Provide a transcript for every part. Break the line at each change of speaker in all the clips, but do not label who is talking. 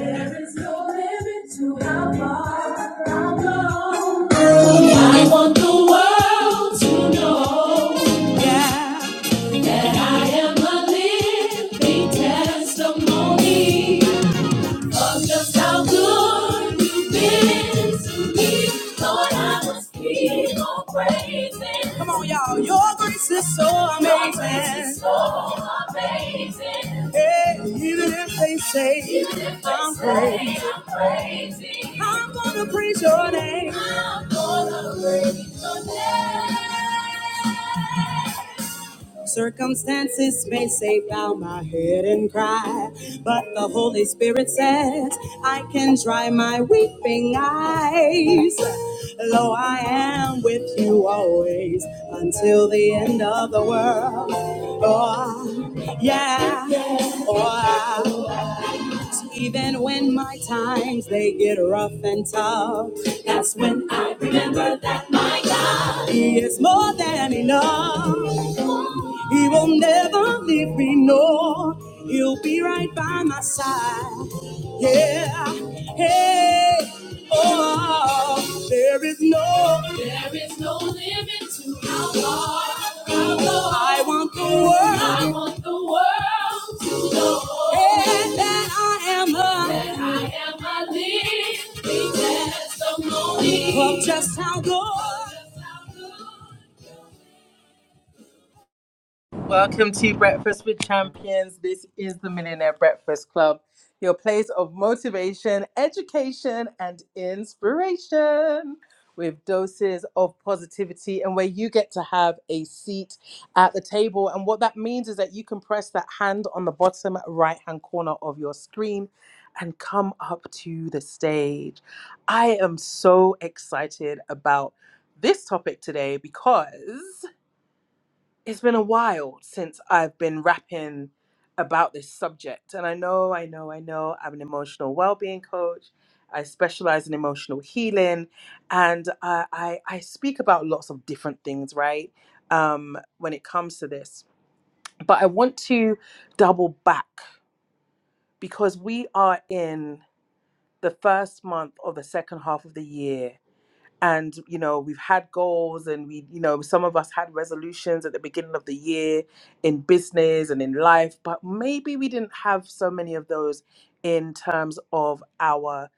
There is no limit to how far I'll go. I want the world to know, yeah, that I am a living testimony of just how good you've been to me. Lord, I will keep on praising. Come on, y'all. Your grace is so amazing. Your grace is so amazing. Hey, even if they say, even if they I'm, say crazy, I'm crazy, I'm gonna praise your name. I'm gonna praise your name. Circumstances may say bow my head and cry, but the Holy Spirit says I can dry my weeping eyes. Lo, I am with you always until the end of the world. Oh, yeah. Oh, yeah. even when my times they get rough and tough, that's when I remember that my God He is more than enough. He will never leave me, no. He'll be right by my side. Yeah, hey, oh, there is no, there is no limit to how far I'll go. I want the world, I want the world to know yeah, that I am a, that I am a living testimony of just how good. Welcome to Breakfast with Champions. This is the Millionaire Breakfast Club, your place of motivation, education, and inspiration with doses of positivity, and where you get to have a seat at the table. And what that means is that you can press that hand on the bottom right hand corner of your screen and come up to the stage. I am so excited about this topic today because it's been a while since I've been rapping about this subject. And I know, I know, I know I'm an emotional well-being coach. I specialize in emotional healing and I, I, I speak about lots of different things, right? Um, when it comes to this. But I want to double back because we are in the first month of the second half of the year and you know we've had goals and we you know some of us had resolutions at the beginning of the year in business and in life but maybe we didn't have so many of those in terms of our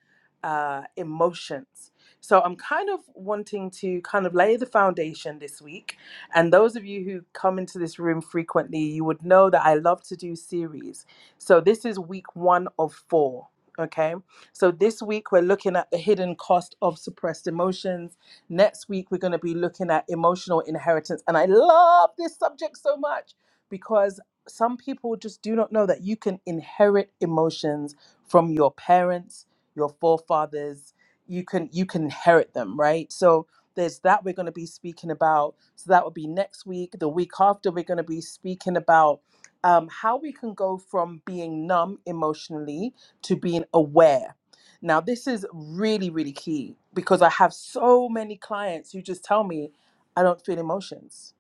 uh, emotions so i'm kind of wanting to kind of lay the foundation this week and those of you who come into this room frequently you would know that i love to do series so this is week one of four okay so this week we're looking at the hidden cost of suppressed emotions. Next week we're going to be looking at emotional inheritance. And I love this subject so much because some people just do not know that you can inherit emotions from your parents, your forefathers. You can you can inherit them, right? So there's that we're going to be speaking about. So that would be next week. The week after we're going to be speaking about um, how we can go from being numb emotionally to being aware now, this is really, really key because I have so many clients who just tell me I don't feel emotions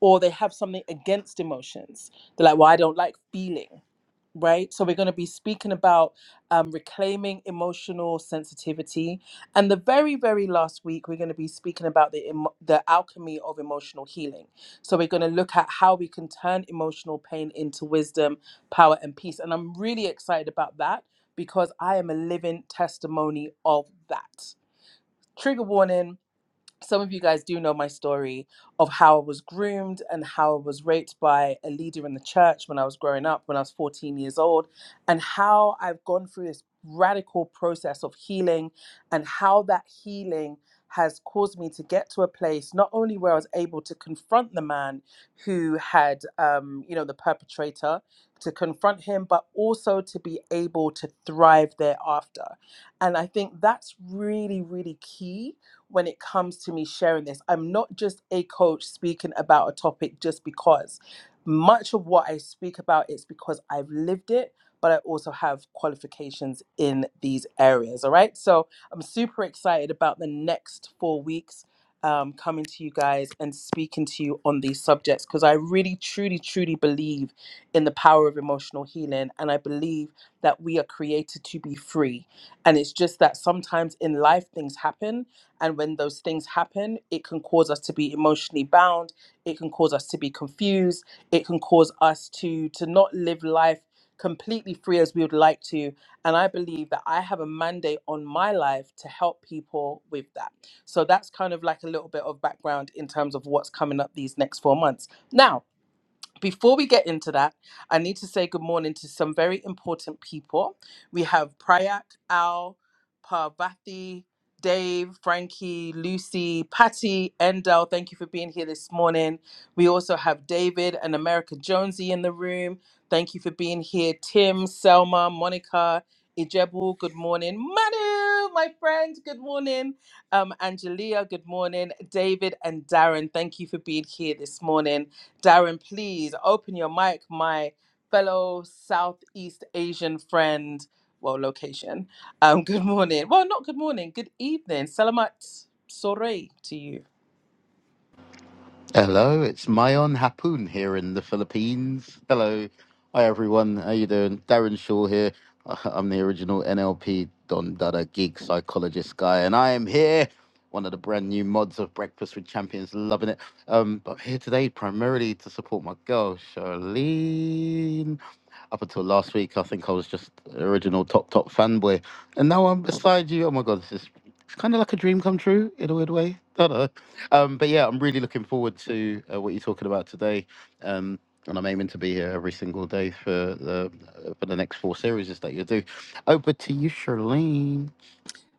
or they have something against emotions. They're like, well, I don't like feeling right? So we're going to be speaking about um, reclaiming emotional sensitivity, and the very, very last week we're going to be speaking about the emo- the alchemy of emotional healing. So we're going to look at how we can turn emotional pain into wisdom, power, and peace. And I'm really excited about that because I am a living testimony of that. Trigger warning some of you guys do know my story of how I was groomed and how I was raped by a leader in the church when I was growing up, when I was 14 years old, and how I've gone through this radical process of healing and how that healing has caused me to get to a place not only where I was able to confront the man who had, um, you know, the perpetrator, to confront him, but also to be able to thrive thereafter. And I think that's really, really key when it comes to me sharing this. I'm not just a coach speaking about a topic just because. Much of what I speak about is because I've lived it, but I also have qualifications in these areas. All right. So I'm super excited about the next four weeks um, coming to you guys and speaking to you on these subjects because I really, truly, truly believe in the power of emotional healing. And I believe that we are created to be free. And it's just that sometimes in life things happen and when those things happen, it can cause us to be emotionally bound. It can cause us to be confused. It can cause us to to not live life completely free as we would like to. And I believe that I have a mandate on my life to help people with that. So that's kind of like a little bit of background in terms of what's coming up these next four months. Now, before we get into that, I need to say good morning to some very important people. We have Prayak, Al, Parvati, Dave, Frankie, Lucy, Patty, Endel. Thank you for being here this morning. We also have David and America Jonesy in the room. Thank you for being here. Tim, Selma, Monica, Ijebu, good morning. Manu, my friend, good morning. Um, Angelia, good morning. David and Darren, thank you for being here this morning. Darren, please open your mic, my fellow Southeast Asian friend. Well, location. Um, good morning. Well, not good morning. Good evening. Salamat sore to you.
Hello, it's Mayon Hapun here in the Philippines. Hello. Hi everyone, how you doing? Darren Shaw here. Uh, I'm the original NLP Don Dada geek psychologist guy, and I am here, one of the brand new mods of Breakfast with Champions, loving it. Um, but I'm here today primarily to support my girl, Charlene. Up until last week, I think I was just original top top fanboy, and now I'm beside you. Oh my god, this is it's kind of like a dream come true in a weird way. I don't know. Um, but yeah, I'm really looking forward to uh, what you're talking about today. Um, and I'm aiming to be here every single day for the uh, for the next four series that you do. Over to you, Charlene.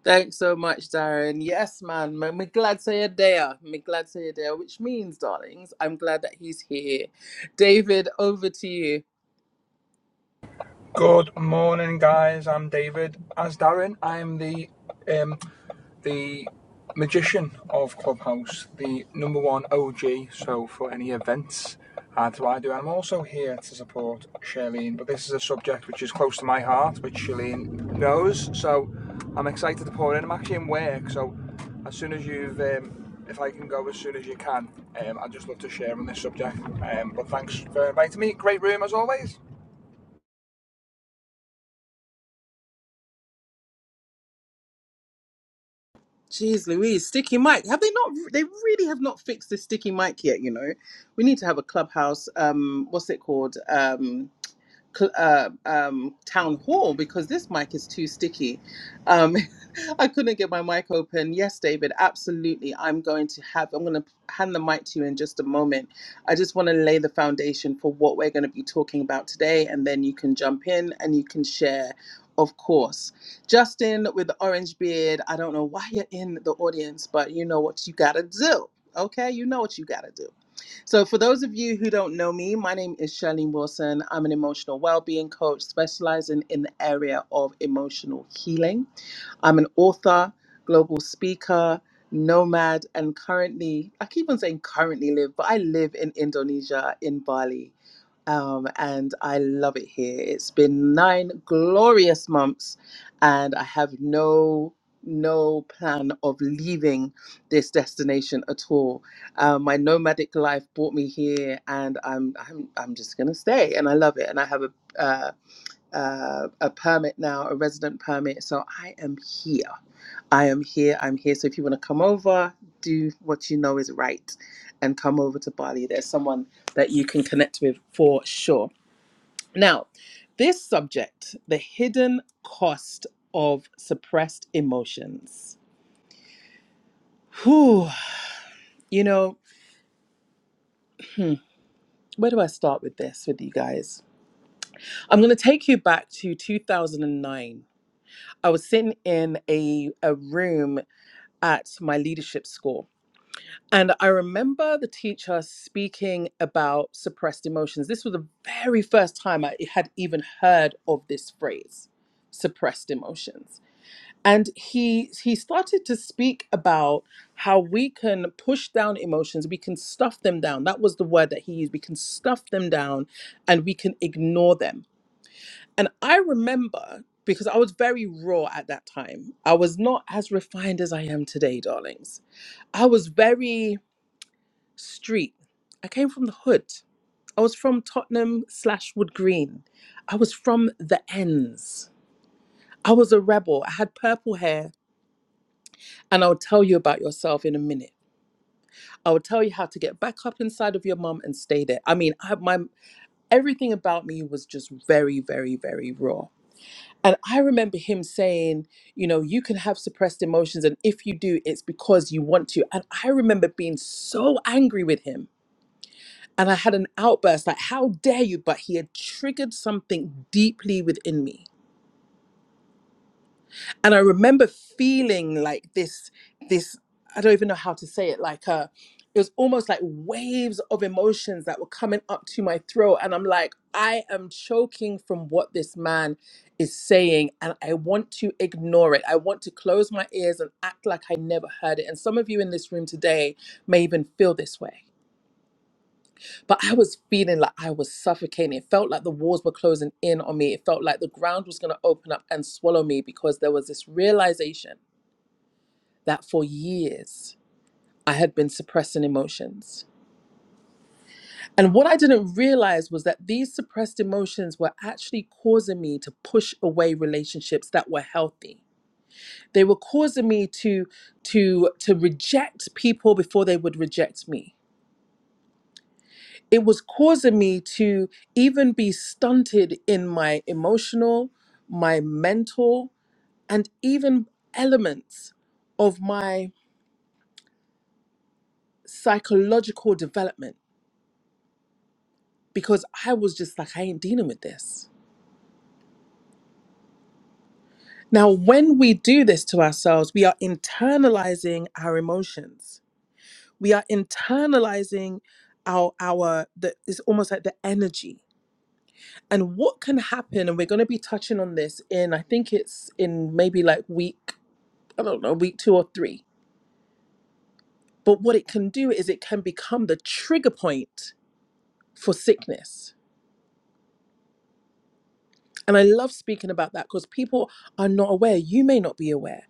Thanks so much, Darren. Yes, man. Me me glad say a day. Me glad say a day, which means, darlings, I'm glad that he's here. David, over to you.
Good morning, guys. I'm David. As Darren, I'm the um, the magician of Clubhouse, the number one OG. So for any events, that's what I do. I'm also here to support Charlene, but this is a subject which is close to my heart, which Charlene knows. So I'm excited to pour in. I'm actually in work, so as soon as you've, um, if I can go as soon as you can, um, I'd just love to share on this subject. Um, but thanks for inviting me. Great room as always.
Jeez Louise, sticky mic. Have they not? They really have not fixed the sticky mic yet. You know, we need to have a clubhouse. Um, what's it called? Um, uh, um, town hall because this mic is too sticky. Um, I couldn't get my mic open. Yes, David, absolutely. I'm going to have, I'm going to hand the mic to you in just a moment. I just want to lay the foundation for what we're going to be talking about today, and then you can jump in and you can share. Of course, Justin with the orange beard. I don't know why you're in the audience, but you know what you gotta do. Okay, you know what you gotta do. So, for those of you who don't know me, my name is Charlene Wilson. I'm an emotional well-being coach specializing in the area of emotional healing. I'm an author, global speaker, nomad, and currently, I keep on saying currently live, but I live in Indonesia, in Bali. Um, and I love it here. It's been nine glorious months, and I have no no plan of leaving this destination at all. Um, my nomadic life brought me here, and I'm I'm I'm just gonna stay, and I love it. And I have a uh, uh, a permit now, a resident permit. So I am here. I am here. I'm here. So if you want to come over, do what you know is right and come over to Bali. There's someone that you can connect with for sure. Now, this subject, the hidden cost of suppressed emotions. Whew, you know, hmm, where do I start with this with you guys? I'm going to take you back to 2009. I was sitting in a, a room at my leadership school. And I remember the teacher speaking about suppressed emotions. This was the very first time I had even heard of this phrase, suppressed emotions. And he he started to speak about how we can push down emotions, we can stuff them down. That was the word that he used. We can stuff them down and we can ignore them. And I remember because I was very raw at that time. I was not as refined as I am today, darlings I was very street. I came from the hood. I was from Tottenham slash Wood Green. I was from the ends. I was a rebel. I had purple hair. And I'll tell you about yourself in a minute. I will tell you how to get back up inside of your mum and stay there. I mean, I, my everything about me was just very, very, very raw. And I remember him saying, you know, you can have suppressed emotions. And if you do, it's because you want to. And I remember being so angry with him And I had an outburst like, how dare you? But he had triggered something deeply within me. And I remember feeling like this, this, I don't even know how to say it, like a, it was almost like waves of emotions that were coming up to my throat. And I'm like, I am choking from what this man is saying. And I want to ignore it. I want to close my ears and act like I never heard it. And some of you in this room today may even feel this way but I was feeling like I was suffocating. It felt like the walls were closing in on me. It felt like the ground was going to open up and swallow me because there was this realization that for years I had been suppressing emotions. And what I didn't realize was that these suppressed emotions were actually causing me to push away relationships that were healthy. They were causing me to to to reject people before they would reject me it was causing me to even be stunted in my emotional, my mental, and even elements of my psychological development because I was just like, I ain't dealing with this. Now, when we do this to ourselves, we are internalizing our emotions. We are internalizing our our the it's almost like the energy and what can happen and we're going to be touching on this in i think it's in maybe like week I don't know, week two or three. But what it can do is it can become the trigger point for sickness. And I love speaking about that because people are not aware, you may not be aware,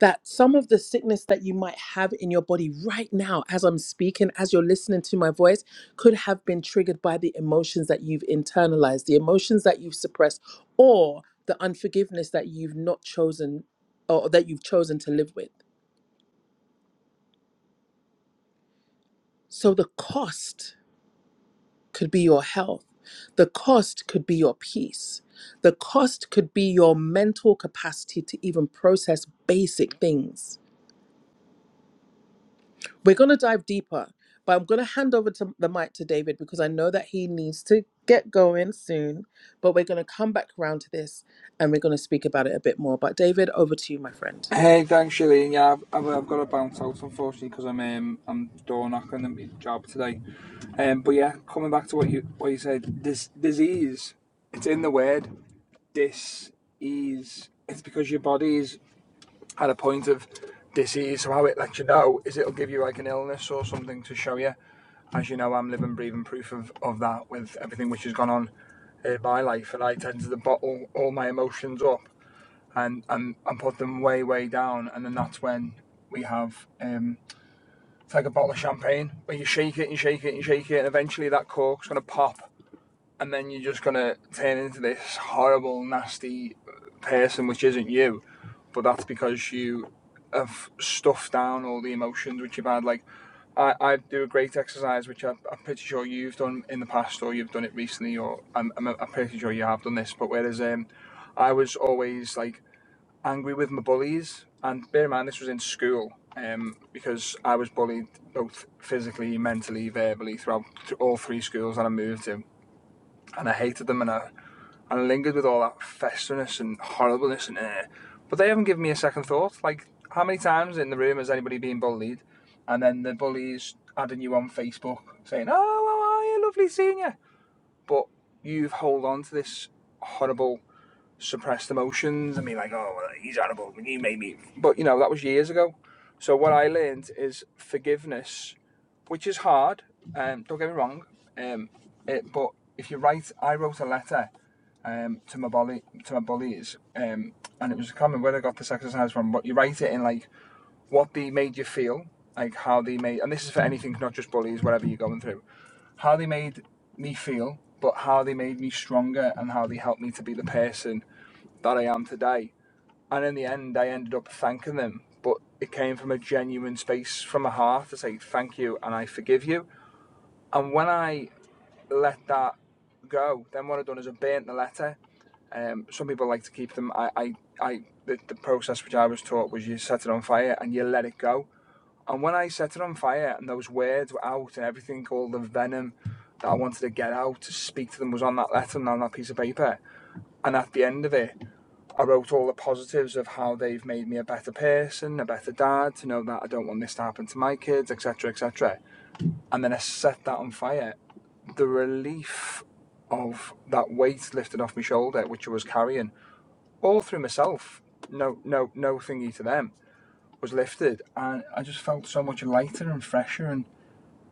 that some of the sickness that you might have in your body right now, as I'm speaking, as you're listening to my voice, could have been triggered by the emotions that you've internalized, the emotions that you've suppressed, or the unforgiveness that you've not chosen or that you've chosen to live with. So the cost could be your health. The cost could be your peace. The cost could be your mental capacity to even process basic things. We're going to dive deeper, but I'm going to hand over to the mic to David because I know that he needs to get going soon. But we're going to come back around to this and we're going to speak about it a bit more. But David, over to you, my friend.
Hey, thanks, Shireen. Yeah, I've, I've, I've got to bounce out unfortunately because I'm um, I'm door knocking at my job today. Um, but yeah, coming back to what you what you said, this disease, it's in the word dis ease. It's because your body's at a point of disease. So how it lets you know is it'll give you like an illness or something to show you. As you know, I'm living, breathing proof of, of that with everything which has gone on in my life, and I tend to bottle all my emotions up and and and put them way way down, and then that's when we have um, it's like a bottle of champagne where you shake it and shake it and shake it, and eventually that cork's gonna pop, and then you're just gonna turn into this horrible nasty uh, person, which isn't you, but that's because you have stuffed down all the emotions which you've had, like. I, I do a great exercise, which I, I'm pretty sure you've done in the past, or you've done it recently, or I'm, I'm, I'm pretty sure you have done this. But whereas um, I was always like angry with my bullies, and bear in mind this was in school um, because I was bullied both physically, mentally, verbally throughout th- all three schools that I moved to, and I hated them, and I, and I lingered with all that festerness and horribleness, and uh, but they haven't given me a second thought. Like, how many times in the room has anybody been bullied, and then the bullies adding you on Facebook saying, "Oh, how are you? Lovely seeing you," but you've hold on to this horrible suppressed emotions and be like, oh, well, he's horrible, he made me. But, you know, that was years ago. So what I learned is forgiveness, which is hard. Um, don't get me wrong. Um, it, but if you write, I wrote a letter um, to my bully, to my bullies, um, and it was a comment where I got this exercise from. But you write it in like what they made you feel, like how they made, and this is for anything, not just bullies, whatever you're going through how they made me feel, but how they made me stronger and how they helped me to be the person that I am today. And in the end, I ended up thanking them, but it came from a genuine space from my heart to say thank you and I forgive you. And when I let that go, then what I've done is I burnt the letter. Um, some people like to keep them. I, I, I the, the process which I was taught was you set it on fire and you let it go. And when I set it on fire and those words were out and everything, all the venom that I wanted to get out to speak to them was on that letter and on that piece of paper. And at the end of it, I wrote all the positives of how they've made me a better person, a better dad, to know that I don't want this to happen to my kids, etc., etc. And then I set that on fire. The relief of that weight lifted off my shoulder, which I was carrying all through myself, no, no, no thingy to them, was lifted, and I just felt so much lighter and fresher, and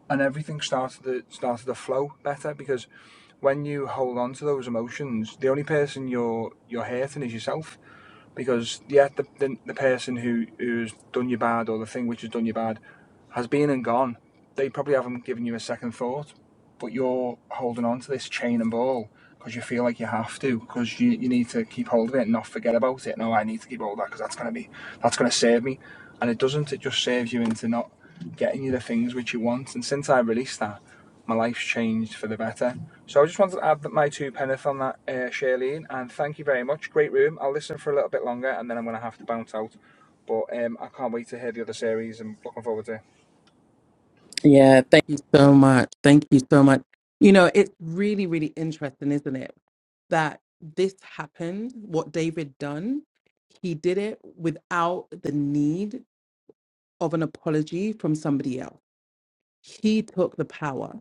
and everything started to started to flow better because when you hold on to those emotions, the only person you're you're hurting is yourself because yeah, the, the, the person who who's done you bad or the thing which has done you bad has been and gone. They probably haven't given you a second thought, but you're holding on to this chain and ball because you feel like you have to because you, you need to keep hold of it and not forget about it. No, I need to keep hold of that because that's gonna be that's gonna save me, and it doesn't. It just saves you into not getting you the things which you want. And since I released that, my life's changed for the better. So I just wanted to add that my two penneth on that, uh, Shailene, and thank you very much. Great room. I'll listen for a little bit longer and then I'm gonna have to bounce out. But um, I can't wait to hear the other series. And looking forward to it.
Yeah, thank you so much. Thank you so much. You know, it's really, really interesting, isn't it? That this happened, what David done, he did it without the need of an apology from somebody else. He took the power,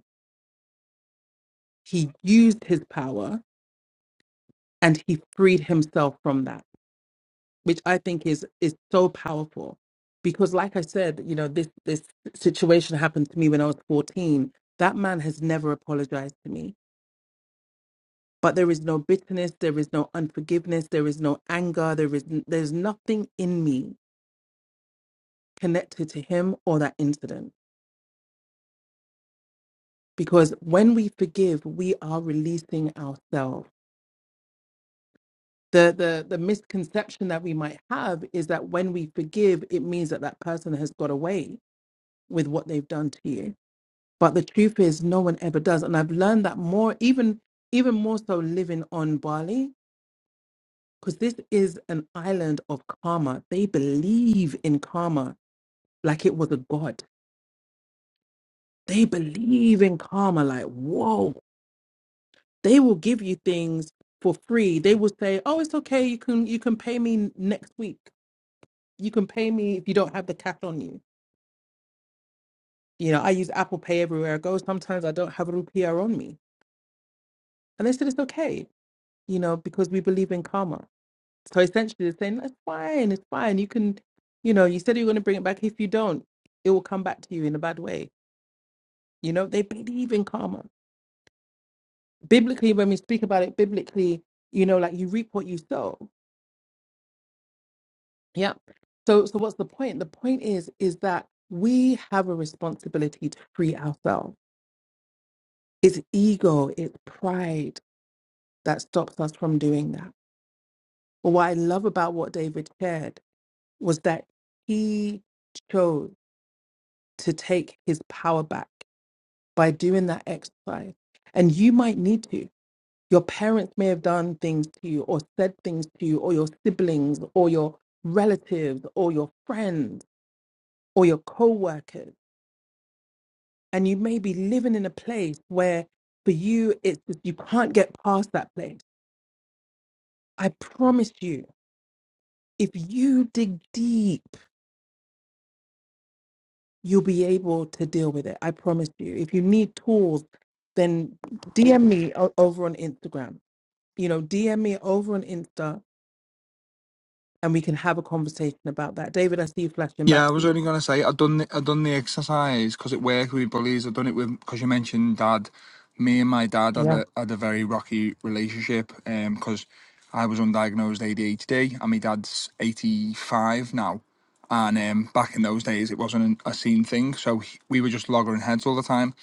he used his power, and he freed himself from that, which I think is is so powerful. Because like I said, you know, this this situation happened to me when I was 14. That man has never apologized to me but there is no bitterness there is no unforgiveness there is no anger there is there's nothing in me connected to him or that incident because when we forgive we are releasing ourselves the, the the misconception that we might have is that when we forgive it means that that person has got away with what they've done to you but the truth is no one ever does and i've learned that more even even more so living on bali because this is an island of karma they believe in karma like it was a god. They believe in karma, like whoa. They will give you things for free. They will say, "Oh, it's okay. You can you can pay me next week. You can pay me if you don't have the cash on you." You know, I use Apple Pay everywhere I go. Sometimes I don't have a rupiah on me, and they said it's okay. You know, because we believe in karma. So essentially, they're saying that's fine. It's fine. You can, you know, you said you are going to bring it back. If you don't, it will come back to you in a bad way. You know, they believe in karma biblically when we speak about it biblically you know like you reap what you sow yeah so so what's the point the point is is that we have a responsibility to free ourselves it's ego it's pride that stops us from doing that but what i love about what david shared was that he chose to take his power back by doing that exercise and you might need to Your parents may have done things to you or said things to you or your siblings or your relatives or your friends or your co-workers. And you may be living in a place where for you, it's just, you can't get past that place. I promise you, if you dig deep, you'll be able to deal with it. I promise you. If you need tools, then DM me o- over on Instagram. You know, DM me over on Insta and we can have a conversation about that. David, I see you flashing
Yeah,
back
I
to
was
you.
only going to say I done the, I done the exercise because it worked with bullies. I done it with because you mentioned dad. Me and my dad had
Yeah.
a had a very rocky relationship because I was undiagnosed ADHD and my dad's eighty five now. And um, back in those days, it wasn't an, a seen thing, so he, we were just loggering heads all the time.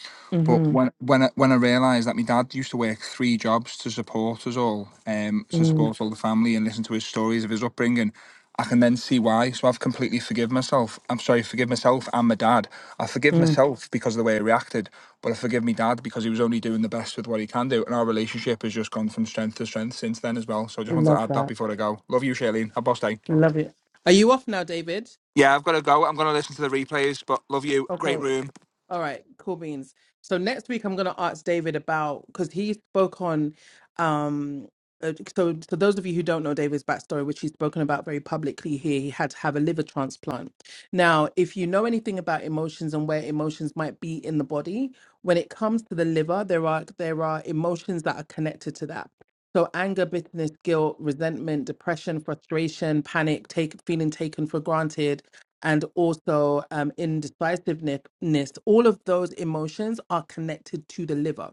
But
Mm-hmm.
when when I, when I realised that my dad used to work three jobs to support us all, um, to support
Mm-hmm.
all the family and listen to his stories of his upbringing, I can then see why. So I've completely forgive myself. I'm sorry, forgive myself and my dad. I forgive myself because of the way I reacted, but I forgive me dad because he was only doing the best with what he can do. And our relationship has just gone from strength to strength since then as well. So I just wanted to
Love
add that
that.
before I go. Love you, Shailene. Have a boss day.
Love it. Are you off now, David?
Yeah, I've got to go. I'm going to listen to the replays, but love you. Great
Okay.
room.
All right, cool beans. So next week I'm going to ask David about because he spoke on um uh, so so those of you who don't know David's backstory, which he's spoken about very publicly here, he had to have a liver transplant. Now, if you know anything about emotions and where emotions might be in the body, when it comes to the liver, there are there are emotions that are connected to that. So anger, bitterness, guilt, resentment, depression, frustration, panic, take feeling taken for granted, and also um, indecisiveness all of those emotions are connected to the liver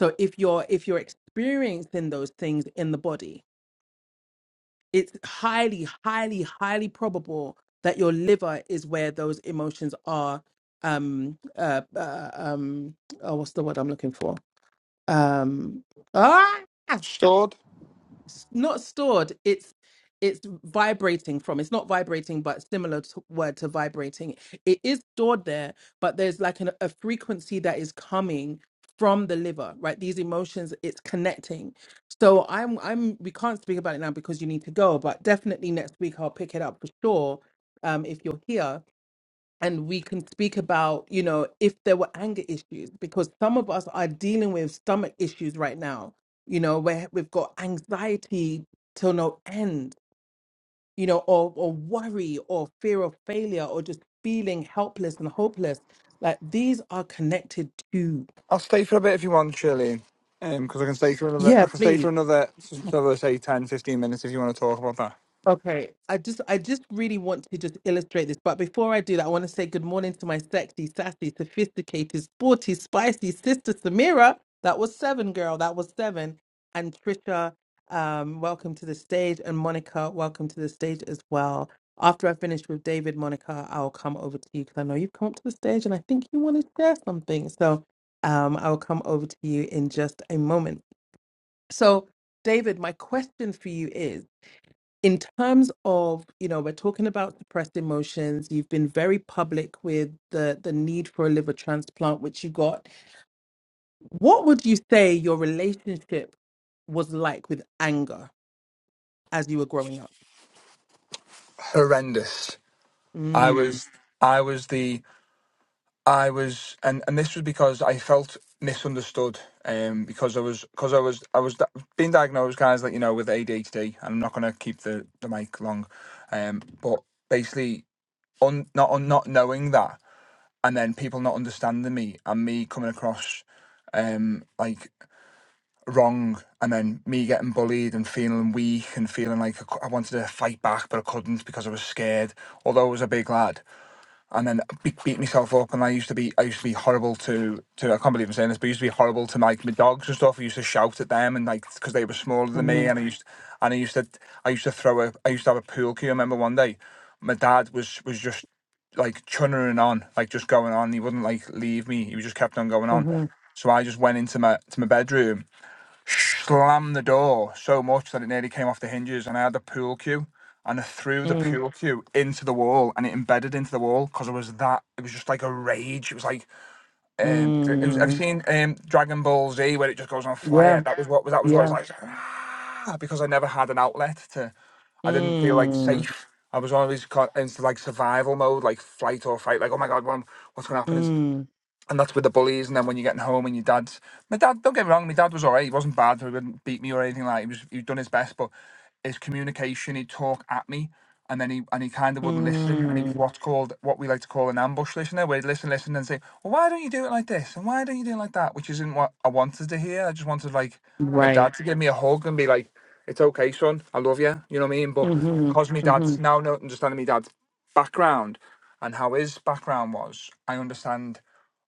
so if you're if you're experiencing those things in the body it's highly highly highly probable that your liver is where those emotions are um uh, uh um oh, what's the word i'm looking for um ah!
Stored.
s- not stored it's it's vibrating from it's not vibrating but similar to word to vibrating it is stored there but there's like an, a frequency that is coming from the liver right these emotions it's connecting so i'm i'm we can't speak about it now because you need to go but definitely next week i'll pick it up for sure um if you're here and we can speak about you know if there were anger issues because some of us are dealing with stomach issues right now you know where we've got anxiety till no end you know or or worry or fear of failure or just feeling helpless and hopeless like these are connected to
I'll stay for a bit if you want, Shailene. Um, because I can stay for another,
yeah
I can stay
please.
for another, another say 10, 15 minutes if you want to talk about that.
Okay, I just I just really want to just illustrate this, but before I do that, I want to say good morning to my sexy, sassy, sophisticated, sporty, spicy sister Samira. That was seven, girl. That was seven. And Trisha, um, welcome to the stage, and Monica, welcome to the stage as well. After I finish with David, Monica, I'll come over to you because I know you've come up to the stage, and I think you want to share something. So, um, I will come over to you in just a moment. So, David, my question for you is in terms of you know we're talking about suppressed emotions you've been very public with the the need for a liver transplant which you got what would you say your relationship was like with anger as you were growing up
Horrendous. I
mm.
was, I was the I was, and and this was because I felt misunderstood, um, because I was, because I was, I was di- being diagnosed, guys, like you know, with ADHD, and I'm not gonna keep the the mic long, um, but basically, on not on not knowing that, and then people not understanding me, and me coming across, um, like wrong, and then me getting bullied and feeling weak and feeling like I, cou- I wanted to fight back, but I couldn't because I was scared. Although I was a big lad, and then beat, beat myself up. And I used to be, I used to be horrible to, to I can't believe I'm saying this, but I used to be horrible to like my dogs and stuff. I used to shout at them and like because they were smaller than me,
hmm
and I used, and I used to, I used to throw a, I used to have a pool cue. I remember one day, my dad was was just like chunnering on, like just going on. He wouldn't like leave me. He just kept on going on.
hmm
So I just went into my to my bedroom slammed the door so much that it nearly came off the hinges, and I had the pool cue, and I threw the
mm
pool cue into the wall, and it embedded into the wall because it was that. It was just like a rage. It was like um, it it was. Have you
mm
seen um Dragon Ball Z where it just goes on fire?
yeah
That was what was that was what it was
yeah
like "Ah," because I never had an outlet to. I didn't feel like
mm.
safe. I was always caught into like survival mode, like flight or fight. Like, oh my god, what, what's going to happen? Is
Mm.
and that's with the bullies. And then when you're getting home and your dad's, my dad, don't get me wrong, my dad was all right. He wasn't bad. He wouldn't beat me or anything like. He was, he'd done his best, but his communication, he'd talk at me, and then he and he kind of wouldn't listen. And he was
Mm.
what's called what we like to call an ambush listener, where he'd listen, listen, and say, "Well, why don't you do it like this? And why don't you do it like that?" Which isn't what I wanted to hear. I just wanted like my
right
dad to give me a hug and be like, "It's okay, son. I love you." You know what I mean? But
hmm
because my
hmm
dad's now not understanding my dad's background and how his background was, I understand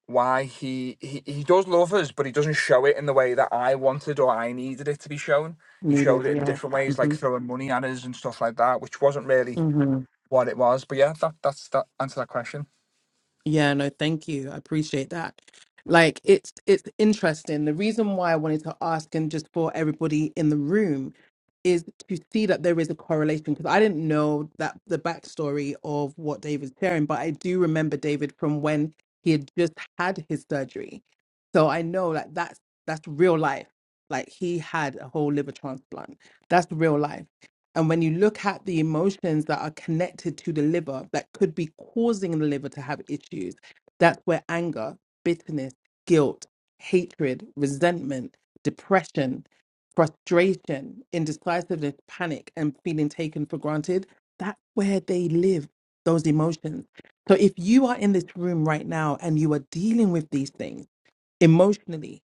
why he, he he does love us, but he doesn't show it in the way that I wanted or I needed it to be shown. He
needed
showed it in
yeah
different ways, like throwing money at us and stuff like that, which wasn't really
hmm
what it was. But yeah, that that's that answer that question.
Yeah, no, thank you. I appreciate that. Like it's it's interesting. The reason why I wanted to ask and just for everybody in the room is to see that there is a correlation because I didn't know that the backstory of what David's sharing, but I do remember David from when he had just had his surgery. So I know that that's that's real life. Like he had a whole liver transplant. That's real life. And when you look at the emotions that are connected to the liver that could be causing the liver to have issues, that's where anger, bitterness, guilt, hatred, resentment, depression, frustration, indecisiveness, panic, and feeling taken for granted, that's where they live, those emotions. So if you are in this room right now and you are dealing with these things emotionally,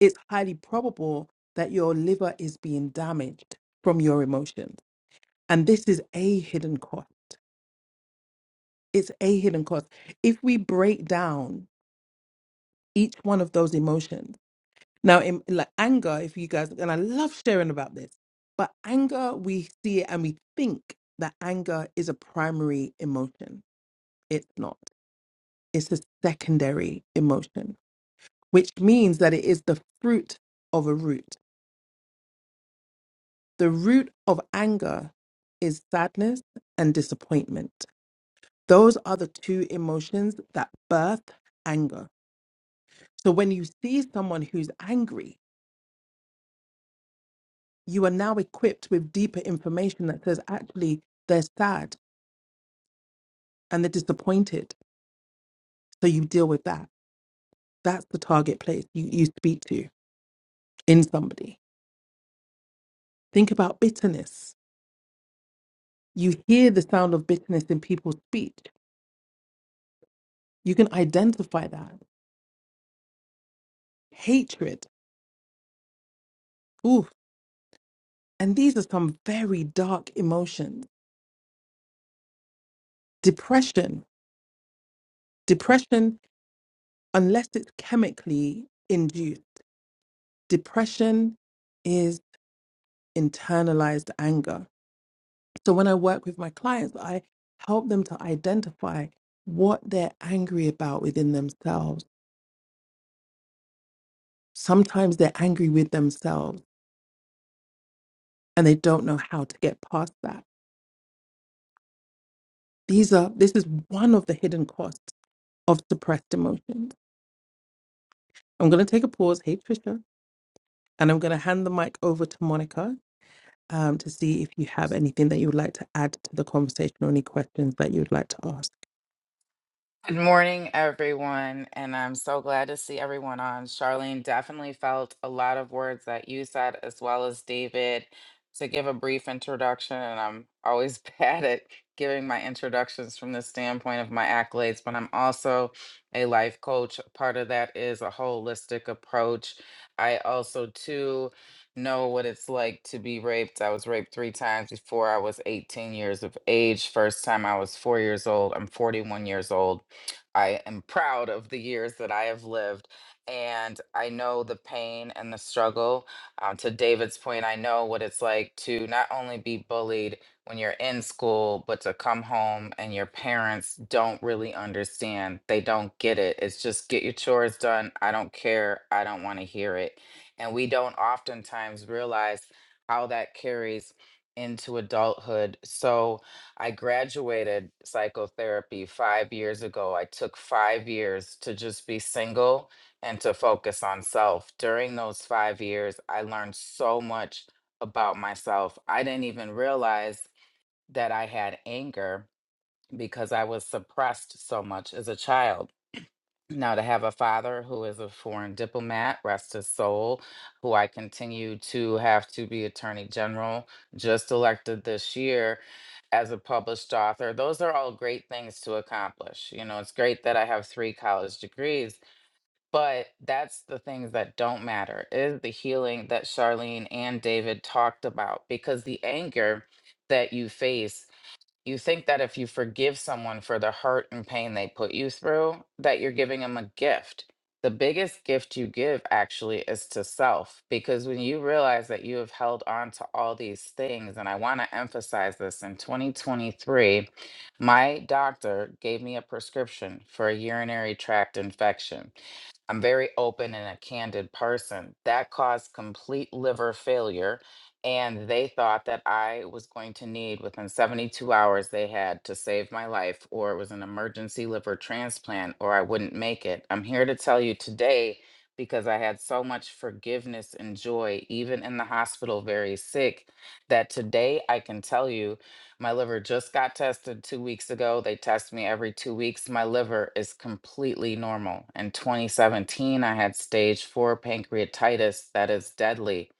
it's highly probable that your liver is being damaged from your emotions and this is a hidden cost. It's a hidden cost. If we break down each one of those emotions, now in like anger, if you guys and I love sharing about this, but anger, we see it and we think that anger is a primary emotion. It's not. It's a secondary emotion, which means that it is the fruit of a root. The root of anger is sadness and disappointment those are the two emotions that birth anger. So when you see someone who's angry, you are now equipped with deeper information that says actually they're sad and they're disappointed. So you deal with that. That's the target place you, you speak to in somebody. Think about bitterness. You hear the sound of bitterness in people's speech. You can identify that. Hatred. Ooh. And these are some very dark emotions. Depression. Depression unless it's chemically induced. Depression is internalized anger. So when I work with my clients, I help them to identify what they're angry about within themselves. Sometimes they're angry with themselves and they don't know how to get past that. These are this is one of the hidden costs of suppressed emotions. I'm going to take a pause. Hey Trisha, and I'm going to hand the mic over to Monica um, to see if you have anything that you would like to add to the conversation or any questions that you would like to ask.
Good morning, everyone, and I'm so glad to see everyone on. Charlene definitely felt a lot of words that you said, as well as David, to give a brief introduction. And I'm always bad at giving my introductions from the standpoint of my accolades, but I'm also a life coach. Part of that is a holistic approach. I also, too, know what it's like to be raped. I was raped three times before I was 18 years of age. First time I was four years old. I'm 41 years old I am proud of the years that I have lived. And I know the pain and the struggle. Um, to David's point, I know what it's like to not only be bullied when you're in school, but to come home and your parents don't really understand. They don't get it. It's just get your chores done. I don't care. I don't want to hear it. And we don't oftentimes realize how that carries into adulthood. So, I graduated psychotherapy five years ago. I took five years to just be single and to focus on self. During those five years, I learned so much about myself. I didn't even realize that I had anger because I was suppressed so much as a child. Now, to have a father who is a foreign diplomat, rest his soul, who I continue to have to be attorney general, just elected this year as a published author, those are all great things to accomplish. You know, it's great that I have three college degrees, but that's the things that don't matter is the healing that Charlene and David talked about because the anger that you face you think that if you forgive someone for the hurt and pain they put you through, that you're giving them a gift. The biggest gift you give actually is to self, because when you realize that you have held on to all these things, and I want to emphasize this in 2023, my doctor gave me a prescription for a urinary tract infection. I'm very open and a candid person. That caused complete liver failure. And they thought that I was going to need, within 72 hours, they had to save my life, or it was an emergency liver transplant, or I wouldn't make it. I'm here to tell you today because I had so much forgiveness and joy, even in the hospital, very sick, that today I can tell you. My liver just got tested two weeks ago. They test me every two weeks. My liver is completely normal. In 2017, I had stage four pancreatitis that is deadly.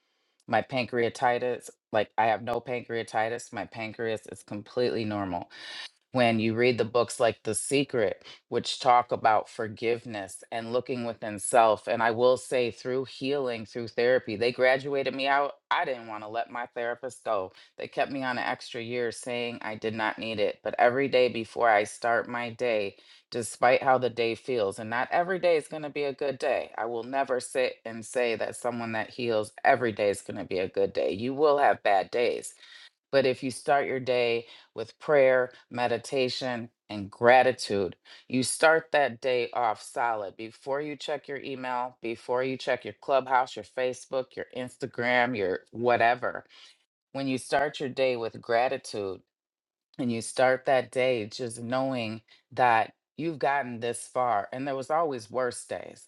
My pancreatitis, like I have no pancreatitis, my pancreas is completely normal when you read the books like The Secret, which talk about forgiveness and looking within self. And I will say, through healing, through therapy, they graduated me out. I didn't want to let my therapist go. They kept me on an extra year saying I did not need it. But every day before I start my day, despite how the day feels, and not every day is going to be a good day, I will never sit and say that someone that heals every day is going to be a good day. You will have bad days but if you start your day with prayer, meditation, and gratitude, you start that day off solid before you check your email, before you check your clubhouse, your Facebook, your Instagram, your whatever. When you start your day with gratitude, and you start that day just knowing that you've gotten this far and there was always worse days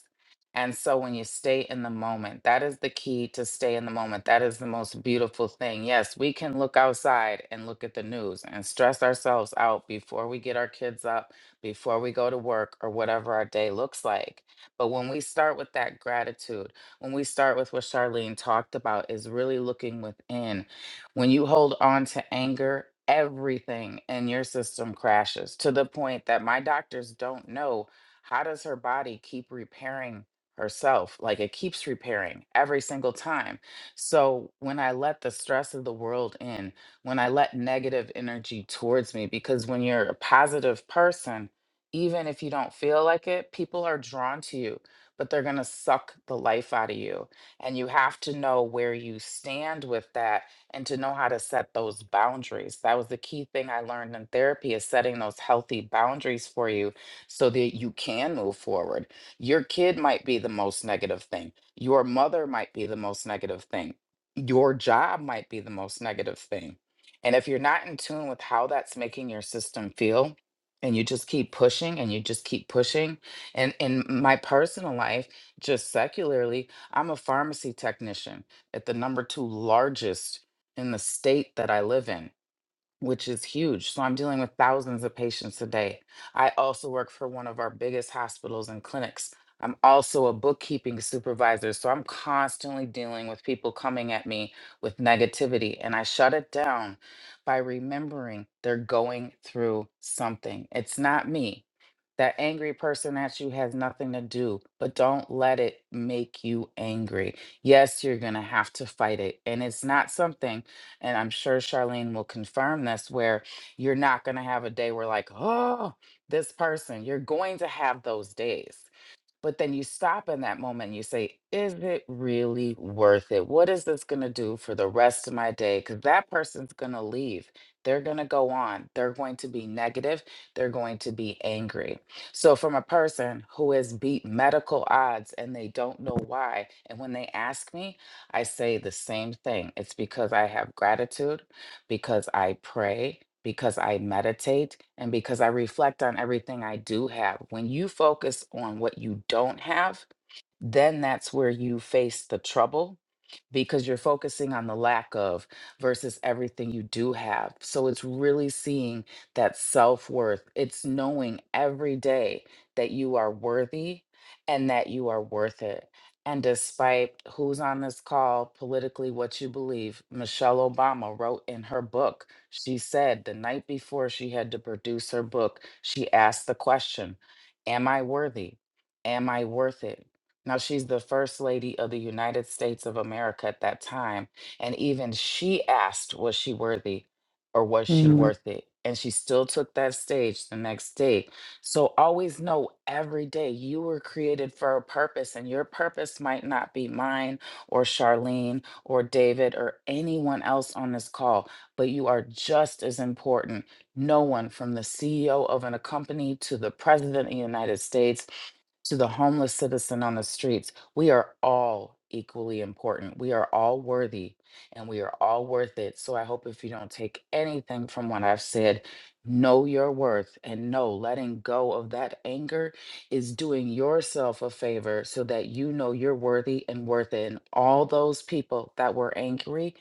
and so when you stay in the moment that is the key to stay in the moment that is the most beautiful thing yes we can look outside and look at the news and stress ourselves out before we get our kids up before we go to work or whatever our day looks like but when we start with that gratitude when we start with what charlene talked about is really looking within when you hold on to anger, everything in your system crashes to the point that my doctors don't know how does her body keep repairing herself? Like it keeps repairing every single time. So when I let the stress of the world in, when I let negative energy towards me, because when you're a positive person, even if you don't feel like it, people are drawn to you, but they're going to suck the life out of you. And you have to know where you stand with that and to know how to set those boundaries. That was the key thing I learned in therapy is setting those healthy boundaries for you so that you can move forward. Your kid might be the most negative thing. Your mother might be the most negative thing. Your job might be the most negative thing. And if you're not in tune with how that's making your system feel, and you just keep pushing and you just keep pushing. And in my personal life, just secularly, I'm a pharmacy technician at the number two largest in the state that I live in, which is huge. So I'm dealing with thousands of patients a day. I also work for one of our biggest hospitals and clinics. I'm also a bookkeeping supervisor. So I'm constantly dealing with people coming at me with negativity. And I shut it down by remembering they're going through something. It's not me. That angry person at you has nothing to do, but don't let it make you angry. Yes, you're going to have to fight it. And it's not something, and I'm sure Charlene will confirm this, where you're not going to have a day where, like, oh, this person, you're going to have those days. But then you stop in that moment and you say, is it really worth it? What is this going to do for the rest of my day? Because that person's going to leave. They're going to go on. They're going to be negative. They're going to be angry. So, from a person who has beat medical odds and they don't know why, and when they ask me, I say the same thing it's because I have gratitude because I pray, because I meditate, and because I reflect on everything I do have. When you focus on what you don't have, then that's where you face the trouble because you're focusing on the lack of versus everything you do have. So it's really seeing that self worth. It's knowing every day that you are worthy and that you are worth it. And despite who's on this call, politically, what you believe, Michelle Obama wrote in her book, she said the night before she had to produce her book, she asked the question Am I worthy? Am I worth it? Now, she's the First Lady of the United States of America at that time. And even she asked, was she worthy or was she
Mm,
worth it? And she still took that stage the next day. So always know every day you were created for a purpose, and your purpose might not be mine or Charlene or David or anyone else on this call, but you are just as important. No one from the CEO of an company to the President of the United States to the homeless citizen on the streets, we are all equally important. We are all worthy and we are all worth it. So I hope if you don't take anything from what I've said, know your worth and know letting go of that anger is doing yourself a favor so that you know you're worthy and worth it. And all those people that were angry,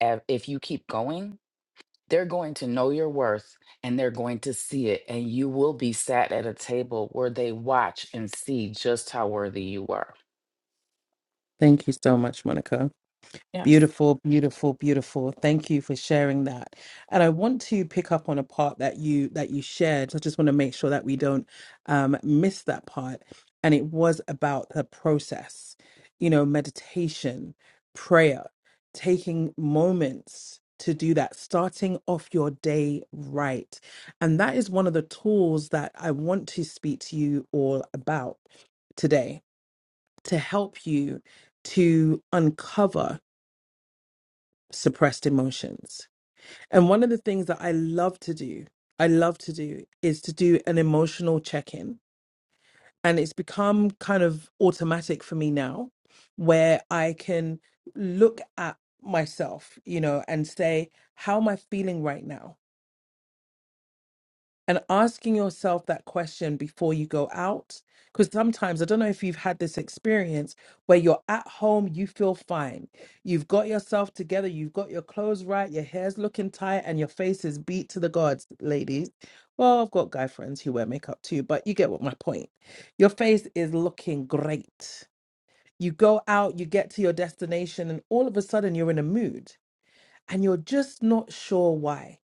eh, if you keep going, they're going to know your worth and they're going to see it. And you will be sat at a table where they watch and see just how worthy you are.
Thank you so much, Monica.
Yes.
Beautiful, beautiful, beautiful. Thank you for sharing that. And I want to pick up on a part that you that you shared. So I just want to make sure that we don't um, miss that part. And it was about the process, you know, meditation, prayer, taking moments to do that, starting off your day right. And that is one of the tools that I want to speak to you all about today to help you to uncover suppressed emotions. And one of the things that I love to do, I love to do is to do an emotional check in. And it's become kind of automatic for me now, where I can look at myself, you know, and say, how am I feeling right now? and asking yourself that question before you go out. Because sometimes, I don't know if you've had this experience where you're at home, you feel fine. You've got yourself together, you've got your clothes right, your hair's looking tight, and your face is beat to the gods, ladies. Well, I've got guy friends who wear makeup too, but you get what my point. Your face is looking great. You go out, you get to your destination, and all of a sudden you're in a mood and you're just not sure why.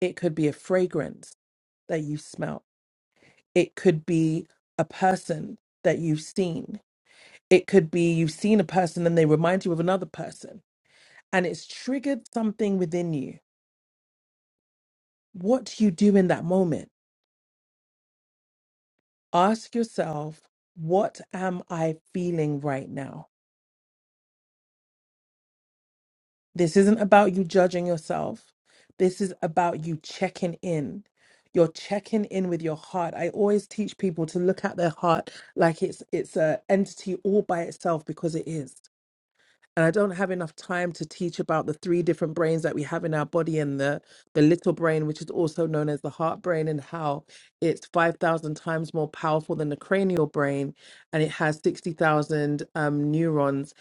It could be a fragrance that you smell It could be a person that you've seen. It could be you've seen a person and they remind you of another person, and it's triggered something within you. What do you do in that moment? Ask yourself, what am I feeling right now? This isn't about you judging yourself. This is about you checking in. You're checking in with your heart. I always teach people to look at their heart like it's it's a entity all by itself because it is and I don't have enough time to teach about the three different brains that we have in our body and the the little brain, which is also known as the heart brain, and how it's five thousand times more powerful than the cranial brain, and it has sixty thousand um, neurons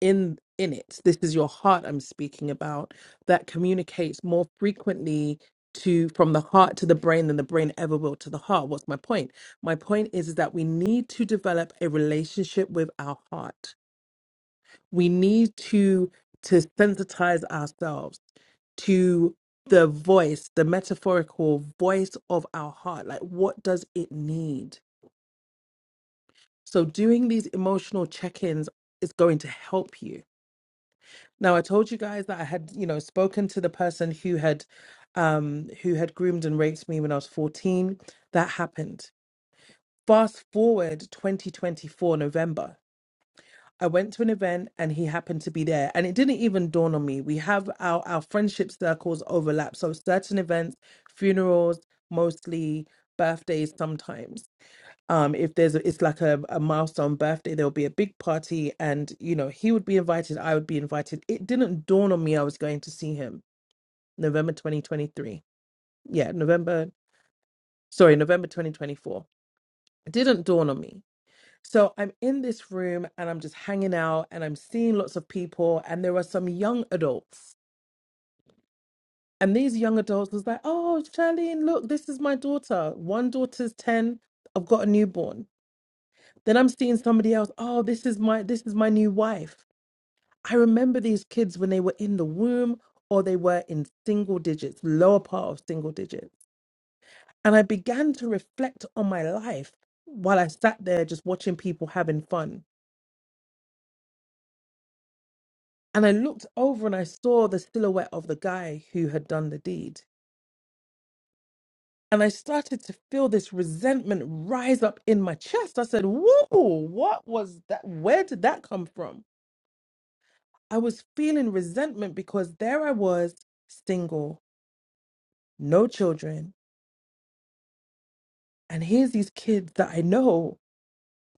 in in it this is your heart i'm speaking about that communicates more frequently to from the heart to the brain than the brain ever will to the heart what's my point my point is, is that we need to develop a relationship with our heart we need to to sensitize ourselves to the voice the metaphorical voice of our heart like what does it need so doing these emotional check-ins is going to help you now i told you guys that i had you know spoken to the person who had um who had groomed and raped me when i was 14 that happened fast forward 2024 november I went to an event and he happened to be there. And it didn't even dawn on me. We have our, our friendship circles overlap. So certain events, funerals, mostly birthdays sometimes. Um, if there's a, it's like a, a milestone birthday, there'll be a big party and you know, he would be invited, I would be invited. It didn't dawn on me I was going to see him November 2023. Yeah, November, sorry, November 2024. It didn't dawn on me. So I'm in this room and I'm just hanging out and I'm seeing lots of people and there are some young adults. And these young adults was like, oh, Charlene, look, this is my daughter. One daughter's 10. I've got a newborn. Then I'm seeing somebody else. Oh, this is my this is my new wife. I remember these kids when they were in the womb or they were in single digits, lower part of single digits. And I began to reflect on my life while I sat there just watching people having fun. And I looked over and I saw the silhouette of the guy who had done the deed. And I started to feel this resentment rise up in my chest. I said, Whoa, what was that? Where did that come from? I was feeling resentment because there I was, single, no children. And here's these kids that I know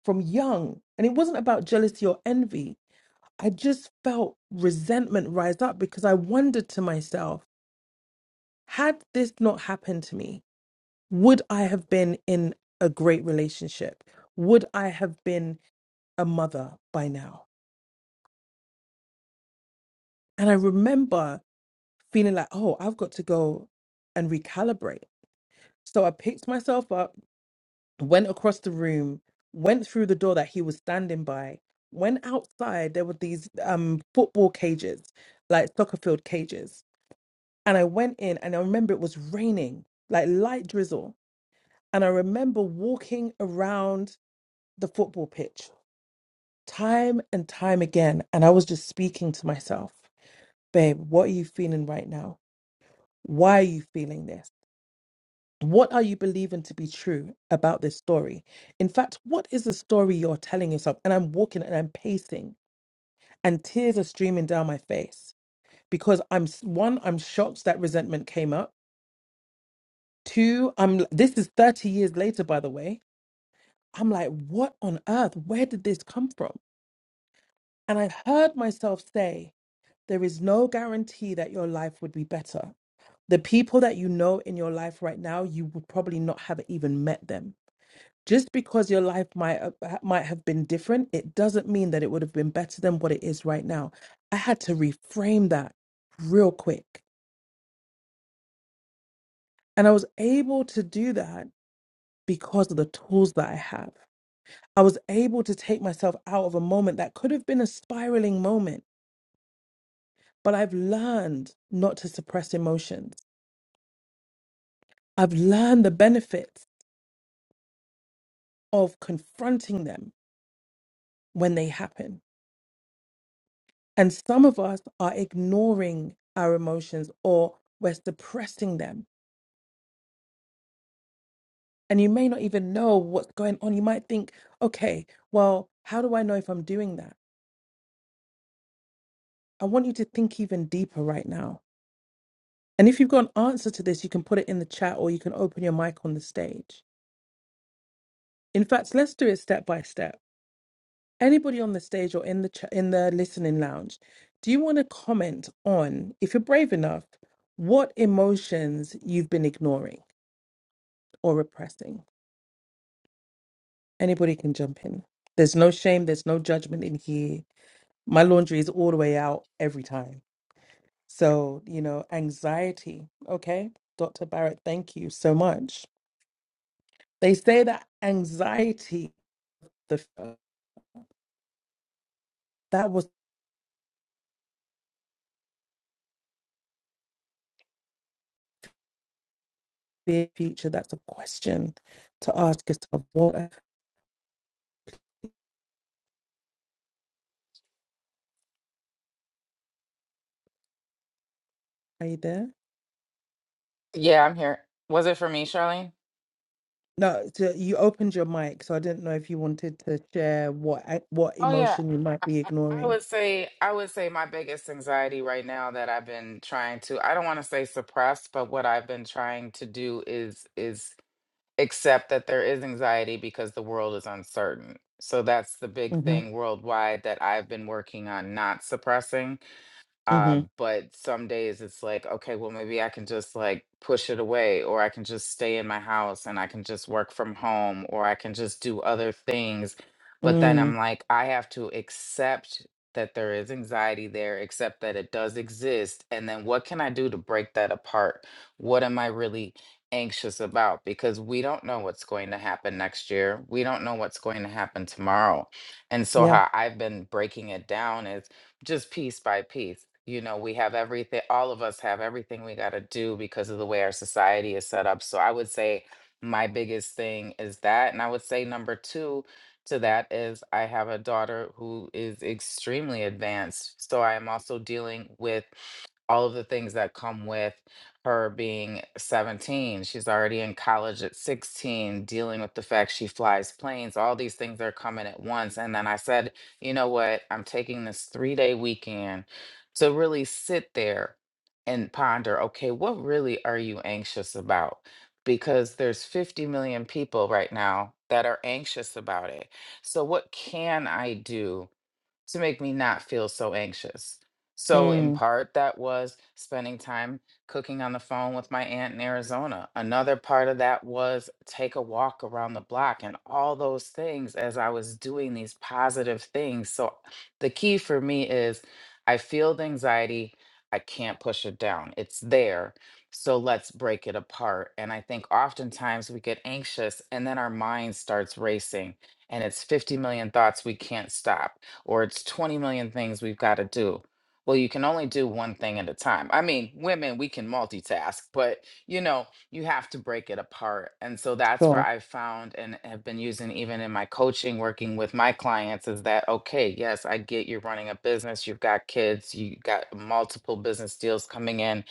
from young. And it wasn't about jealousy or envy. I just felt resentment rise up because I wondered to myself, had this not happened to me? would I have been in a great relationship? Would I have been a mother by now? And I remember feeling like, oh, I've got to go and recalibrate. So I picked myself up, went across the room, went through the door that he was standing by, went outside. There were these um, football cages, like soccer field cages. And I went in, and I remember it was raining, like light drizzle. And I remember walking around the football pitch time and time again. And I was just speaking to myself, babe, what are you feeling right now? Why are you feeling this? What are you believing to be true about this story? In fact, what is the story you're telling yourself? And I'm walking and I'm pacing, and tears are streaming down my face because I'm s- one, I'm shocked that resentment came up. Two, I'm this is 30 years later, by the way. I'm like, what on earth? Where did this come from? And I heard myself say, There is no guarantee that your life would be better. The people that you know in your life right now, you would probably not have even met them. Just because your life might uh, might have been different, it doesn't mean that it would have been better than what it is right now. I had to reframe that real quick. And I was able to do that because of the tools that I have. I was able to take myself out of a moment that could have been a spiraling moment, but I've learned not to suppress emotions. I've learned the benefits of confronting them when they happen. And some of us are ignoring our emotions or we're suppressing them. And you may not even know what's going on. You might think, okay, well, how do I know if I'm doing that? I want you to think even deeper right now. And if you've got an answer to this, you can put it in the chat or you can open your mic on the stage. In fact, let's do it step by step. anybody on the stage or in the ch- in the listening lounge, do you want to comment on, if you're brave enough, what emotions you've been ignoring or repressing? Anybody can jump in. There's no shame. There's no judgment in here. My laundry is all the way out every time. So you know, anxiety. Okay, Dr. Barrett, thank you so much. They say that anxiety, the that was. their future? That's a question to ask yourself. What are you there?
Yeah, I'm here. Was it for me, Charlene?
No, so you opened your mic, so I didn't know if you wanted to share what a- what
Oh, yeah.
emotion you might
I,
be
I I
ignoring.
would say I would say my biggest anxiety right now that I've been trying to I don't want to say suppress, but what I've been trying to do is is accept that there is anxiety because the world is uncertain. So that's the big
Mm-hmm.
thing worldwide that I've been working on not suppressing.
Mm-hmm.
Um, but some days it's like, okay, well, maybe I can just like push it away, or I can just stay in my house and I can just work from home, or I can just do other things. But then
Mm.
I'm like, I have to accept that there is anxiety there, accept that it does exist. And then what can I do to break that apart? What am I really anxious about? Because we don't know what's going to happen next year, we don't know what's going to happen tomorrow. And so,
Yeah.
how I've been breaking it down is just piece by piece. You know, we have everything, all of us have everything we got to do because of the way our society is set up. So I would say my biggest thing is that. And I would say number two to that is I have a daughter who is extremely advanced. So I am also dealing with all of the things that come with her being 17. She's already in college at 16, dealing with the fact she flies planes. All these things are coming at once. And then I said, you know what? I'm taking this three day weekend to really sit there and ponder okay, what really are you anxious about? Because there's 50 million people right now that are anxious about it. So, what can I do? to make me not feel so anxious. So, in
Mm.
part, that was spending time cooking on the phone with my aunt in Arizona. Another part of that was take a walk around the block and all those things as I was doing these positive things. So, the key for me is I feel the anxiety, I can't push it down. It's there. So, let's break it apart. And I think oftentimes we get anxious and then our mind starts racing and it's 50 million thoughts we can't stop or it's 20 million things we've got to do. Well, you can only do one thing at a time. I mean, women, we can multitask, but you know, you have to break it apart. And so that's where
Sure.
I found and have been using even in my coaching, working with my clients is that, okay, yes, I get you're running a business, you've got kids, you got multiple business deals coming in.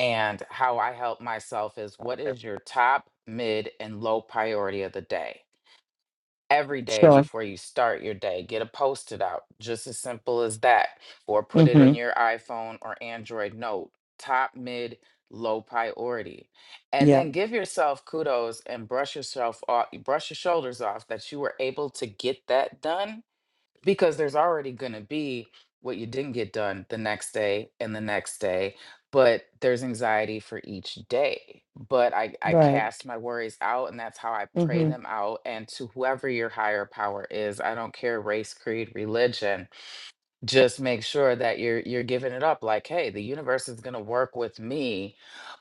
And how I help myself is what is your top, mid, and low priority of the day? every day
Sure.
before you start your day. Get a post it out, just as simple as that, or put it in
Mm-hmm.
your iPhone or Android note, top, mid, low priority. And
Yeah.
then give yourself kudos and brush yourself off, brush your shoulders off that you were able to get that done because there's already going to be what you didn't get done the next day and the next day but there's anxiety for each day but i i
Right.
cast my worries out and that's how i pray
Mm-hmm.
them out and to whoever your higher power is i don't care race creed religion just make sure that you're you're giving it up like hey the universe is going to work with me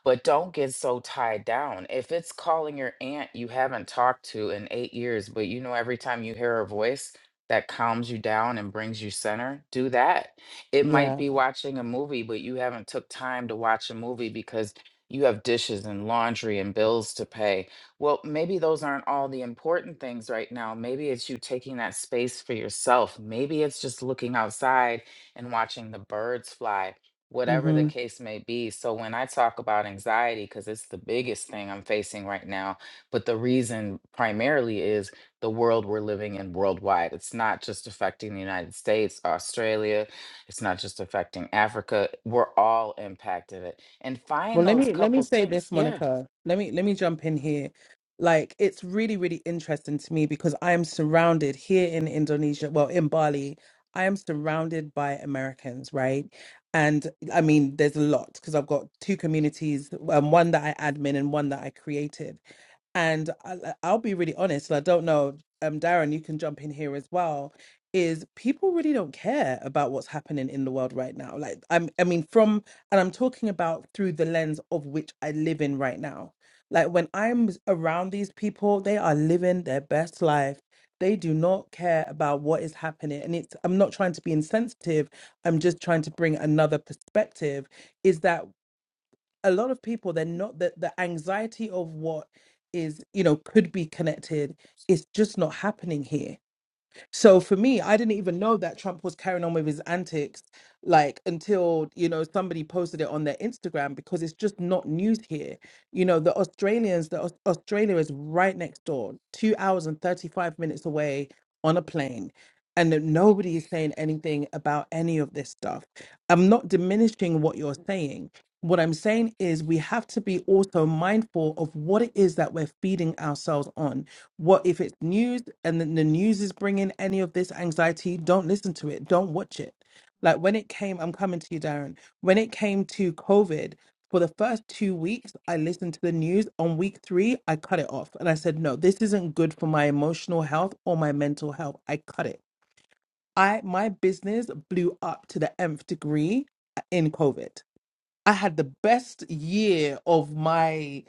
but don't get so tied down if it's calling your aunt you haven't talked to in 8 years but you know every time you hear her voice that calms you down and brings you center do that it might
Yeah.
be watching a movie but you haven't took time to watch a movie because you have dishes and laundry and bills to pay well, maybe those aren't all the important things right now. Maybe it's you taking that space for yourself. Maybe it's just looking outside and watching the birds fly, whatever
mm-hmm.
the case may be. So, when I talk about anxiety, because it's the biggest thing I'm facing right now, but the reason primarily is the world we're living in worldwide. It's not just affecting the United States, Australia, it's not just affecting Africa. We're all impacted it. And
Well,
find
let
those
me let me
couple
say
things.
this,
Yeah,
Monica. Let me let me jump in here. Like it's really really interesting to me because I am surrounded here in Indonesia, well in Bali, I am surrounded by Americans, right? And I mean, there's a lot because I've got two communities, um, one that I admin and one that I created. And I, I'll be really honest, and I don't know, um, Darren, you can jump in here as well. Is people really don't care about what's happening in the world right now? Like, I'm, I mean, from and I'm talking about through the lens of which I live in right now. Like when I'm around these people, they are living their best life. They do not care about what is happening. And it's, I'm not trying to be insensitive. I'm just trying to bring another perspective is that a lot of people, they're not, that the anxiety of what is, you know, could be connected is just not happening here so for me, I didn't even know that Trump was carrying on with his antics, like until, you know, somebody posted it on their Instagram because it's just not news here. You know, the Australians, the Aus- Australia is right next door, two hours and 35 minutes away on a plane. And that nobody is saying anything about any of this stuff. I'm not diminishing what you're saying. What I'm saying is we have to be also mindful of what it is that we're feeding ourselves on what if it's news and then the news is bringing any of this anxiety? Don't listen to it. Don't watch it. Like when it came, I'm coming to you, Darren. When it came to COVID, for the first two weeks, I listened to the news. On week three, I cut it off and I said, no, this isn't good for my emotional health or my mental health. I cut it. I my business blew up to the nth degree uh, in COVID I had the best year of my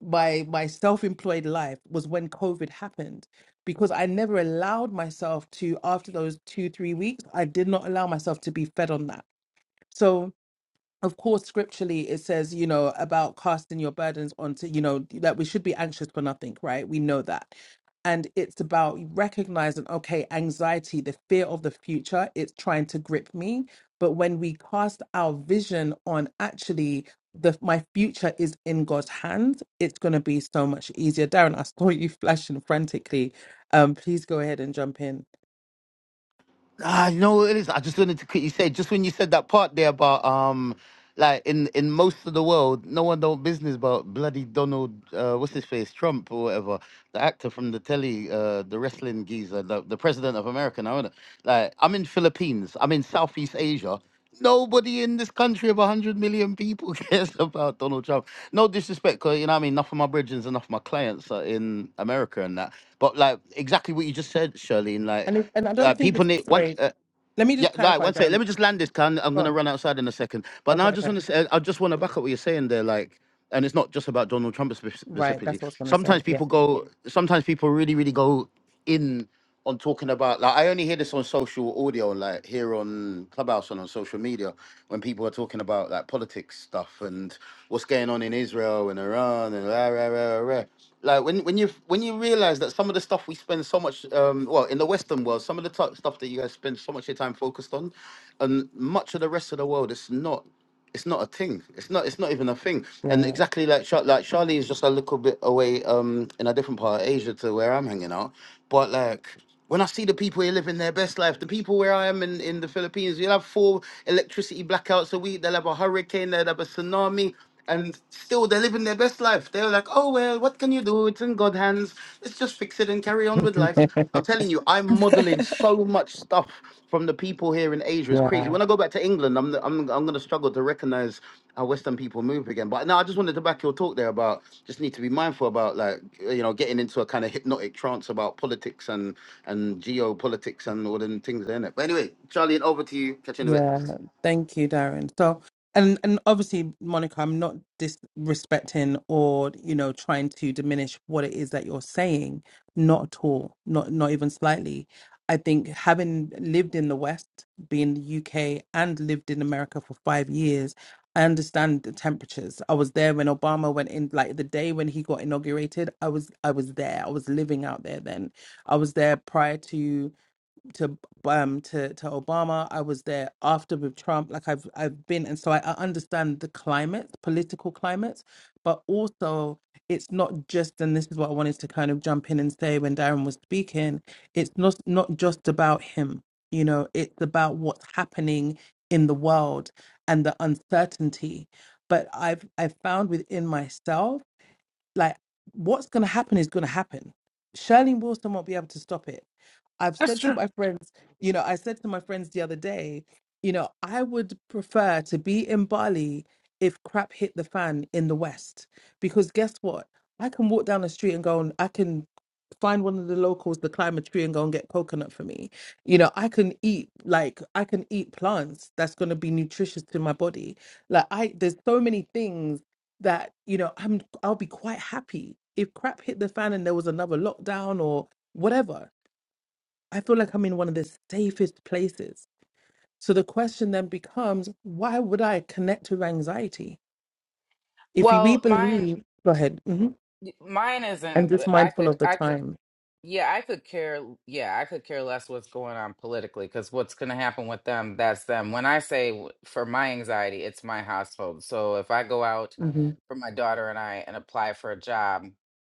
my my self-employed life was when COVID happened because I never allowed myself to after those two, three weeks, I did not allow myself to be fed on that. So of course scripturally it says you know about casting your burdens onto you know that we should be anxious for nothing right we know that and it's about recognizing okay anxiety the fear of the future it's trying to grip me but when we cast our vision on actually the my future is in god's hands it's going to be so much easier darren i saw you flashing frantically um please go ahead and jump in
Ah, you know what it is? I just wanted to quickly say, just when you said that part there about um, like in in most of the world, no one don't business about bloody Donald, uh, what's his face, Trump or whatever, the actor from the telly, uh, the wrestling geezer, the, the president of America. Now, innit? like I'm in Philippines, I'm in Southeast Asia. Nobody in this country of 100 million people cares about Donald Trump. No disrespect, 'cause, you know what I mean? Enough of my bridges, enough of my clients are in America and that. But, like, exactly what you just said, Shirley, like,
and it, and I
uh,
don't think
people
it's
need one.
sorry. Let me
Yeah,
just
like
clarify,
one sec.
Darren.
Let me just land this. Can I'm I'm
Go
gonna
on.
run outside in a second. But now
Okay,
I just
okay.
want to say, I just want to back up what you're saying there. Like, and it's not just about Donald Trump spef-
Right, that's
specifically
what I was gonna say.
sometimes people go sometimes people really really go in on talking about like i only hear this on social audio like here on clubhouse and on social media when people are talking about like politics stuff and what's going on in israel and iran and rah, rah, rah, rah, rah. like when when you when you realize that some of the stuff we spend so much um well in the western world some of the t- stuff that you guys spend so much of your time focused on and much of the rest of the world it's not it's not a thing. It's not. It's not even a thing. And
Yeah,
exactly like Char- like Charlie is just a little bit away, um, in a different part of Asia to where I'm hanging out. But like when I see the people here living their best life, the people where I am in in the Philippines, you'll have four electricity blackouts a week. They'll have a hurricane. They'll have a tsunami and still they're living their best life. They're like, oh well, what can you do? It's in God's hands. Let's just fix it and carry on with life.
yeah,
I'm telling you, I'm modeling so much stuff from the people here in Asia. It's crazy.
yeah.
When I go back to England, I'm I'm I'm gonna struggle to recognize how Western people move again. But no, I just wanted to back your talk there about just need to be mindful about like you know getting into a kind of hypnotic trance about politics and and geopolitics and all them things in it. But anyway, Charlie, over to you. Catch you in a bit.
Yeah, thank you, Darren. So, and and obviously, Monica, I'm not disrespecting or you know trying to diminish what it is that you're saying. Not at all. Not not even slightly. I think having lived in the West, being the UK, and lived in America for five years, I understand the temperatures. I was there when Obama went in, like the day when he got inaugurated. I was I was there. I was living out there then. I was there prior to to um to to Obama. I was there after with Trump. Like I've I've been, and so I, I understand the climate, political climates, but also it's not just. And this is what I wanted to kind of jump in and say when Darren was speaking. It's not not just about him. You know, it's about what's happening in the world and the uncertainty. But I've I've found within myself like what's going to happen is going to happen. Shirley Wilson won't be able to stop it. I've
that's
said to
true.
my friends, you know, I said to my friends the other day, you know, I would prefer to be in Bali if crap hit the fan in the West because guess what? I can walk down the street and go, and I can find one of the locals to climb a tree and go and get coconut for me. You know, I can eat like I can eat plants that's going to be nutritious to my body. Like I there's so many things that, you know, I'm I'll be quite happy if crap hit the fan and there was another lockdown or whatever. I feel like I'm in one of the safest places. So the question then becomes, why would I connect with anxiety? If we
Well, mine
believe, go ahead, hmm
mine isn't
and just
I
mindful
could
of the
I could
time.
yeah, I could care. Yeah, I could care less what's going on politically because what's going to happen with them, that's them. When I say w- for my anxiety, it's my household. So if I go out
hmm
for my daughter and I and apply for a job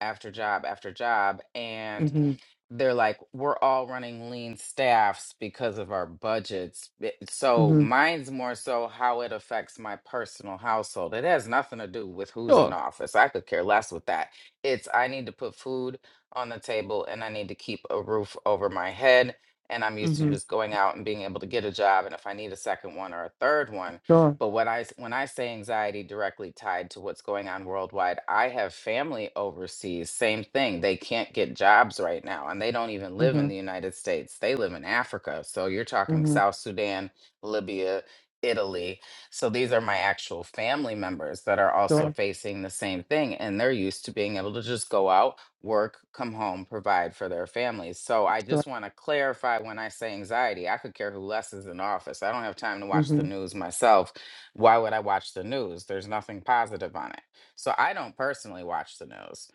after job after job, and
hmm
they're like, we're all running lean staffs because of our budgets. It- So
hmm
mine's more so how it affects my personal household. It has nothing to do with who's in
Sure.
office. I could care less with that. It's I need to put food on the table and I need to keep a roof over my head. And I'm used to
Mhm.
just going out and being able to get a job. And if I need a second one or a third one,
Sure.
but what I s- when I say anxiety directly tied to what's going on worldwide, I have family overseas. Same thing. They can't get jobs right now, and they don't even live
Mm-hmm.
in the United States. They live in Africa. So you're talking
Mm-hmm.
South Sudan, Libya, Italy. So these are my actual family members that are also
Sure.
facing the same thing, and they're used to being able to just go out work, come home, provide for their families. So I
Sure.
just want to clarify when I say anxiety, I could care who less is in office. I don't have time to watch the
Mm-hmm.
news myself. Why would I watch the news? There's nothing positive on it. So I don't personally watch the news.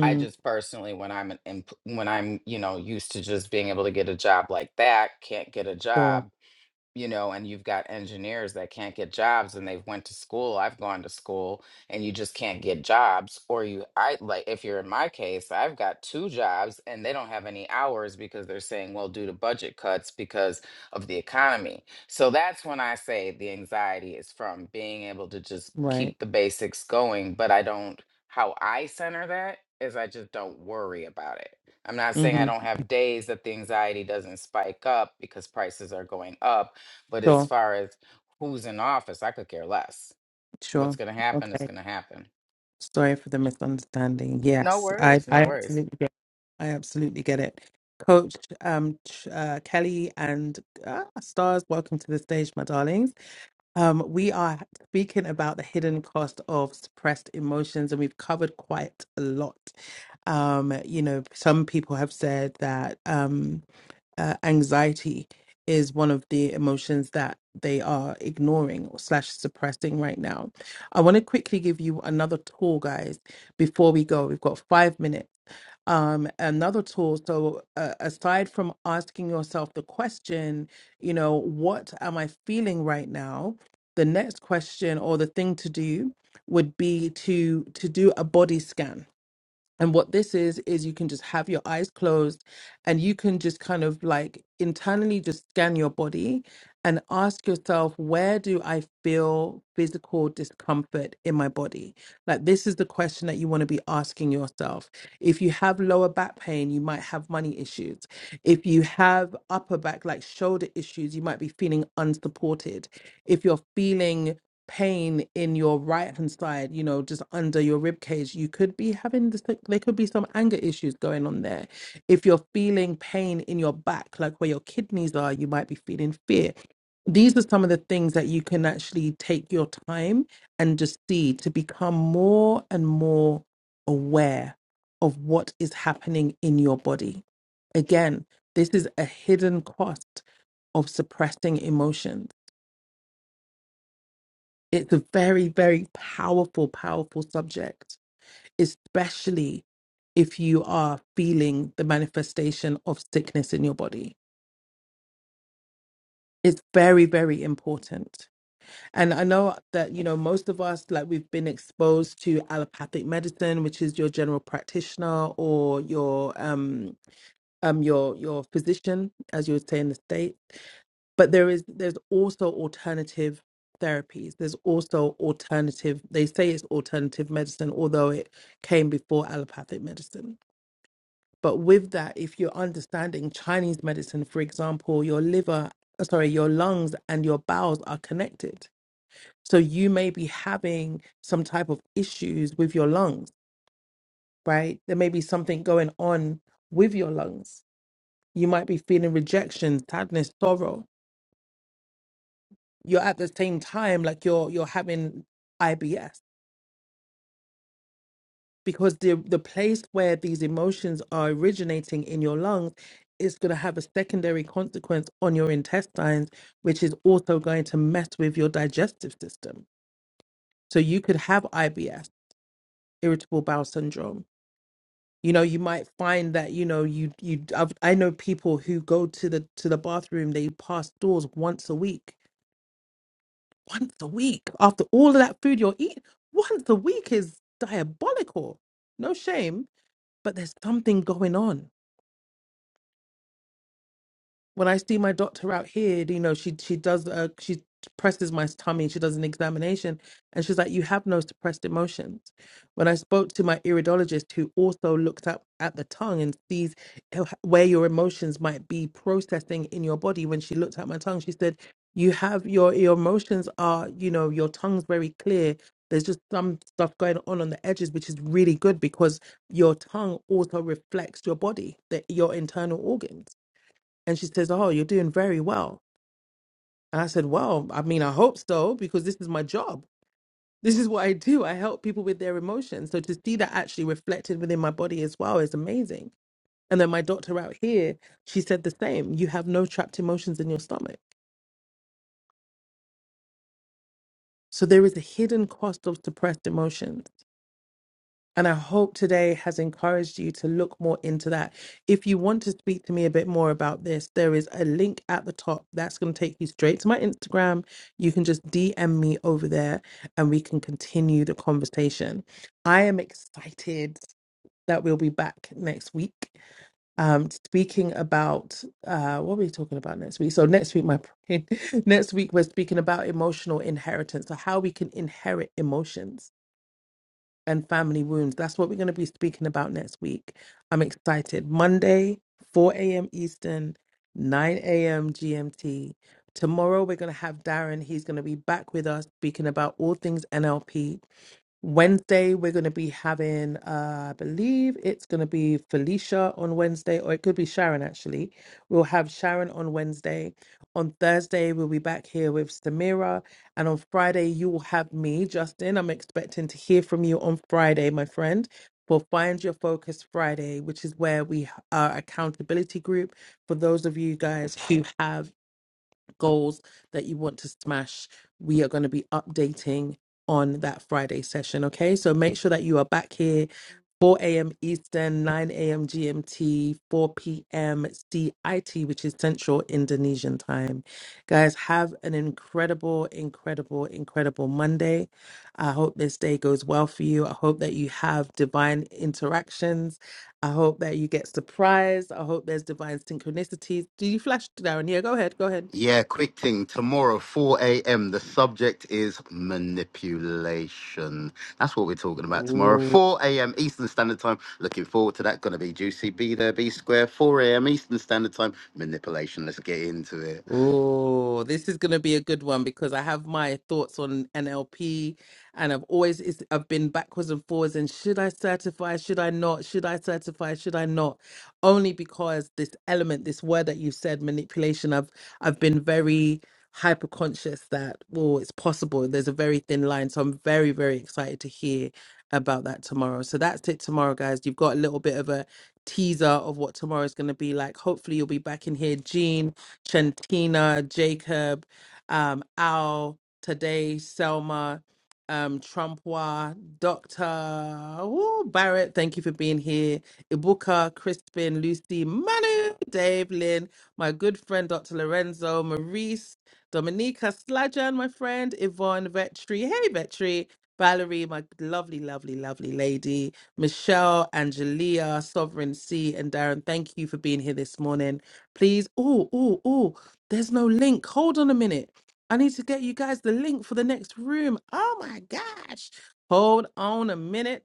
I just personally when I'm an, empl- when I'm, you know, used to just being able to get a job like that, can't get a
Sure.
job you know and you've got engineers that can't get jobs and they've went to school i've gone to school and you just can't get jobs or you i like if you're in my case i've got two jobs and they don't have any hours because they're saying well due to budget cuts because of the economy so that's when i say the anxiety is from being able to just
Right.
keep the basics going but i don't how i center that is i just don't worry about it I'm not saying I
Mm-hmm.
don't have days that the anxiety doesn't spike up because prices are going up but as
Sure.
far as who's in office, I could care less. What's
Sure.
going to happen is
Okay.
going to happen.
Sorry for the misunderstanding.
No
Yes, I,
worries,
I
no worries.
absolutely get. I absolutely get it. Coach um, Ch- uh, Kelly and uh, Stars, welcome to the stage, my darlings. Um, we are speaking about the hidden cost of suppressed emotions, and we've covered quite a lot. Um, you know, some people have said that. Um, uh, anxiety is one of the emotions that they are ignoring or slash suppressing right now. I want to quickly give you another tool, guys, before we go. We've got five minutes. Um, another tool. So, uh, aside from asking yourself the question, you know, what am I feeling right now? The next question or the thing to do would be to to do a body scan and what this is, is you can just have your eyes closed and you can just kind of like internally just scan your body and ask yourself, where do I feel physical discomfort in my body? Like, this is the question that you want to be asking yourself. If you have lower back pain, you might have money issues. If you have upper back, like shoulder issues, you might be feeling unsupported. If you're feeling pain in your right hand side, you know, just under your rib cage, you could be having this, like, there could be some anger issues going on there. If you're feeling pain in your back, like where your kidneys are, you might be feeling fear. These are some of the things that you can actually take your time and just see to become more and more aware of what is happening in your body. Again, this is a hidden cost of suppressing emotions it's a very, very powerful, powerful subject, especially if you are feeling the manifestation of sickness in your body. It's very, very important. And I know that, you know, most of us, like we've been exposed to allopathic medicine, which is your general practitioner or your um, um your your physician as you would say in the state but there is there's also alternative therapies there's also alternative they say it's alternative medicine although it came before allopathic medicine but with that if you're understanding chinese medicine for example your liver uh, sorry your lungs and your bowels are connected so you may be having some type of issues with your lungs right there may be something going on with your lungs you might be feeling rejection, sadness, sorrow. You're at the same time like you're you're having IBS because the the place where these emotions are originating in your lungs is going to have a secondary consequence on your intestines, which is also going to mess with your digestive system. So you could have IBS, irritable bowel syndrome. You know, you might find that you know you you. I've, I know people who go to the to the bathroom. They pass doors once a week once a week after all of that food you're eating once a week is diabolical no shame but there's something going on when I see my doctor out here, you know, she she does uh she presses my tummy, she does an examination, and she's like, "You have no suppressed emotions." When I spoke to my iridologist, who also looks at at the tongue and sees how- where your emotions might be processing in your body, when she looked at my tongue, she said, "You have your your emotions are you know your tongue's very clear." There's just some stuff going on on the edges, which is really good because your tongue also reflects your body, the, your internal organs. And she says, Oh, you're doing very well. And I said, Well, I mean, I hope so, because this is my job. This is what I do. I help people with their emotions. So to see that actually reflected within my body as well is amazing. And then my doctor out here, she said the same. You have no trapped emotions in your stomach. So there is a hidden cost of suppressed emotions. And I hope today has encouraged you to look more into that. If you want to speak to me a bit more about this, there is a link at the top that's going to take you straight to my Instagram. You can just DM me over there and we can continue the conversation. I am excited that we'll be back next week. Um, speaking about uh, what are we talking about next week? So next week, my next week we're speaking about emotional inheritance, so how we can inherit emotions and family wounds. That's what we're going to be speaking about next week. I'm excited. Monday, 4 a.m. Eastern, 9 a.m. GMT. Tomorrow, we're going to have Darren. He's going to be back with us speaking about all things NLP. Wednesday, we're going to be having, uh, I believe it's going to be Felicia on Wednesday, or it could be Sharon actually. We'll have Sharon on Wednesday. On Thursday, we'll be back here with Samira. And on Friday, you will have me, Justin. I'm expecting to hear from you on Friday, my friend, for Find Your Focus Friday, which is where we are accountability group for those of you guys who have goals that you want to smash, we are going to be updating on that Friday session. Okay, so make sure that you are back here 4 a.m. Eastern, 9 a.m. GMT, 4 p.m. CIT, which is Central Indonesian time. Guys, have an incredible, incredible, incredible Monday. I hope this day goes well for you. I hope that you have divine interactions. I hope that you get surprised. I hope there's divine synchronicities. Do you flash, Darren? Yeah, go ahead. Go ahead.
Yeah, quick thing. Tomorrow, 4 a.m. The subject is manipulation. That's what we're talking about tomorrow,
Ooh.
4 a.m. Eastern Standard Time. Looking forward to that. Going to be juicy. Be there, be square. 4 a.m. Eastern Standard Time. Manipulation. Let's get into it.
Oh, this is going to be a good one because I have my thoughts on NLP and I've always it's, I've been backwards and forwards and should I certify, should I not, should I certify, should I not? Only because this element, this word that you said, manipulation, I've I've been very hyper conscious that well, it's possible. There's a very thin line, so I'm very very excited to hear about that tomorrow. So that's it tomorrow, guys. You've got a little bit of a teaser of what tomorrow's going to be like. Hopefully, you'll be back in here, Gene. Chantina, Jacob, um, Al, Today, Selma, um, Trumpwa, Dr. Ooh, Barrett, thank you for being here. Ibuka, Crispin, Lucy, Manu, Dave, Lynn, my good friend Dr. Lorenzo, Maurice, Dominica, Slajan, my friend, Yvonne, Vetri, hey Vetri, Valerie, my lovely, lovely, lovely lady, Michelle, Angelia, Sovereign C, and Darren, thank you for being here this morning please. Oh, oh, oh, there's no link. Hold on a minute. I need to get you guys the link for the next room. Oh my gosh. Hold on a minute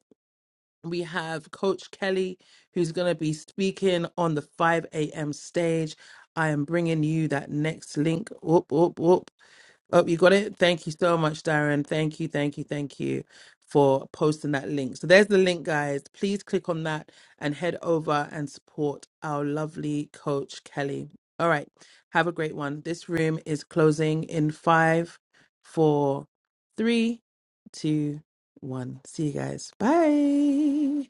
we have Coach Kelly, who's going to be speaking on the 5 a.m. stage. I am bringing you that next link. Whoop, whoop, whoop. Oh, you got it? Thank you so much, Darren. Thank you, thank you, thank you for posting that link. So there's the link, guys. Please click on that and head over and support our lovely coach, Kelly. All right. Have a great one. This room is closing in five, four, three, two, one. See you guys. Bye.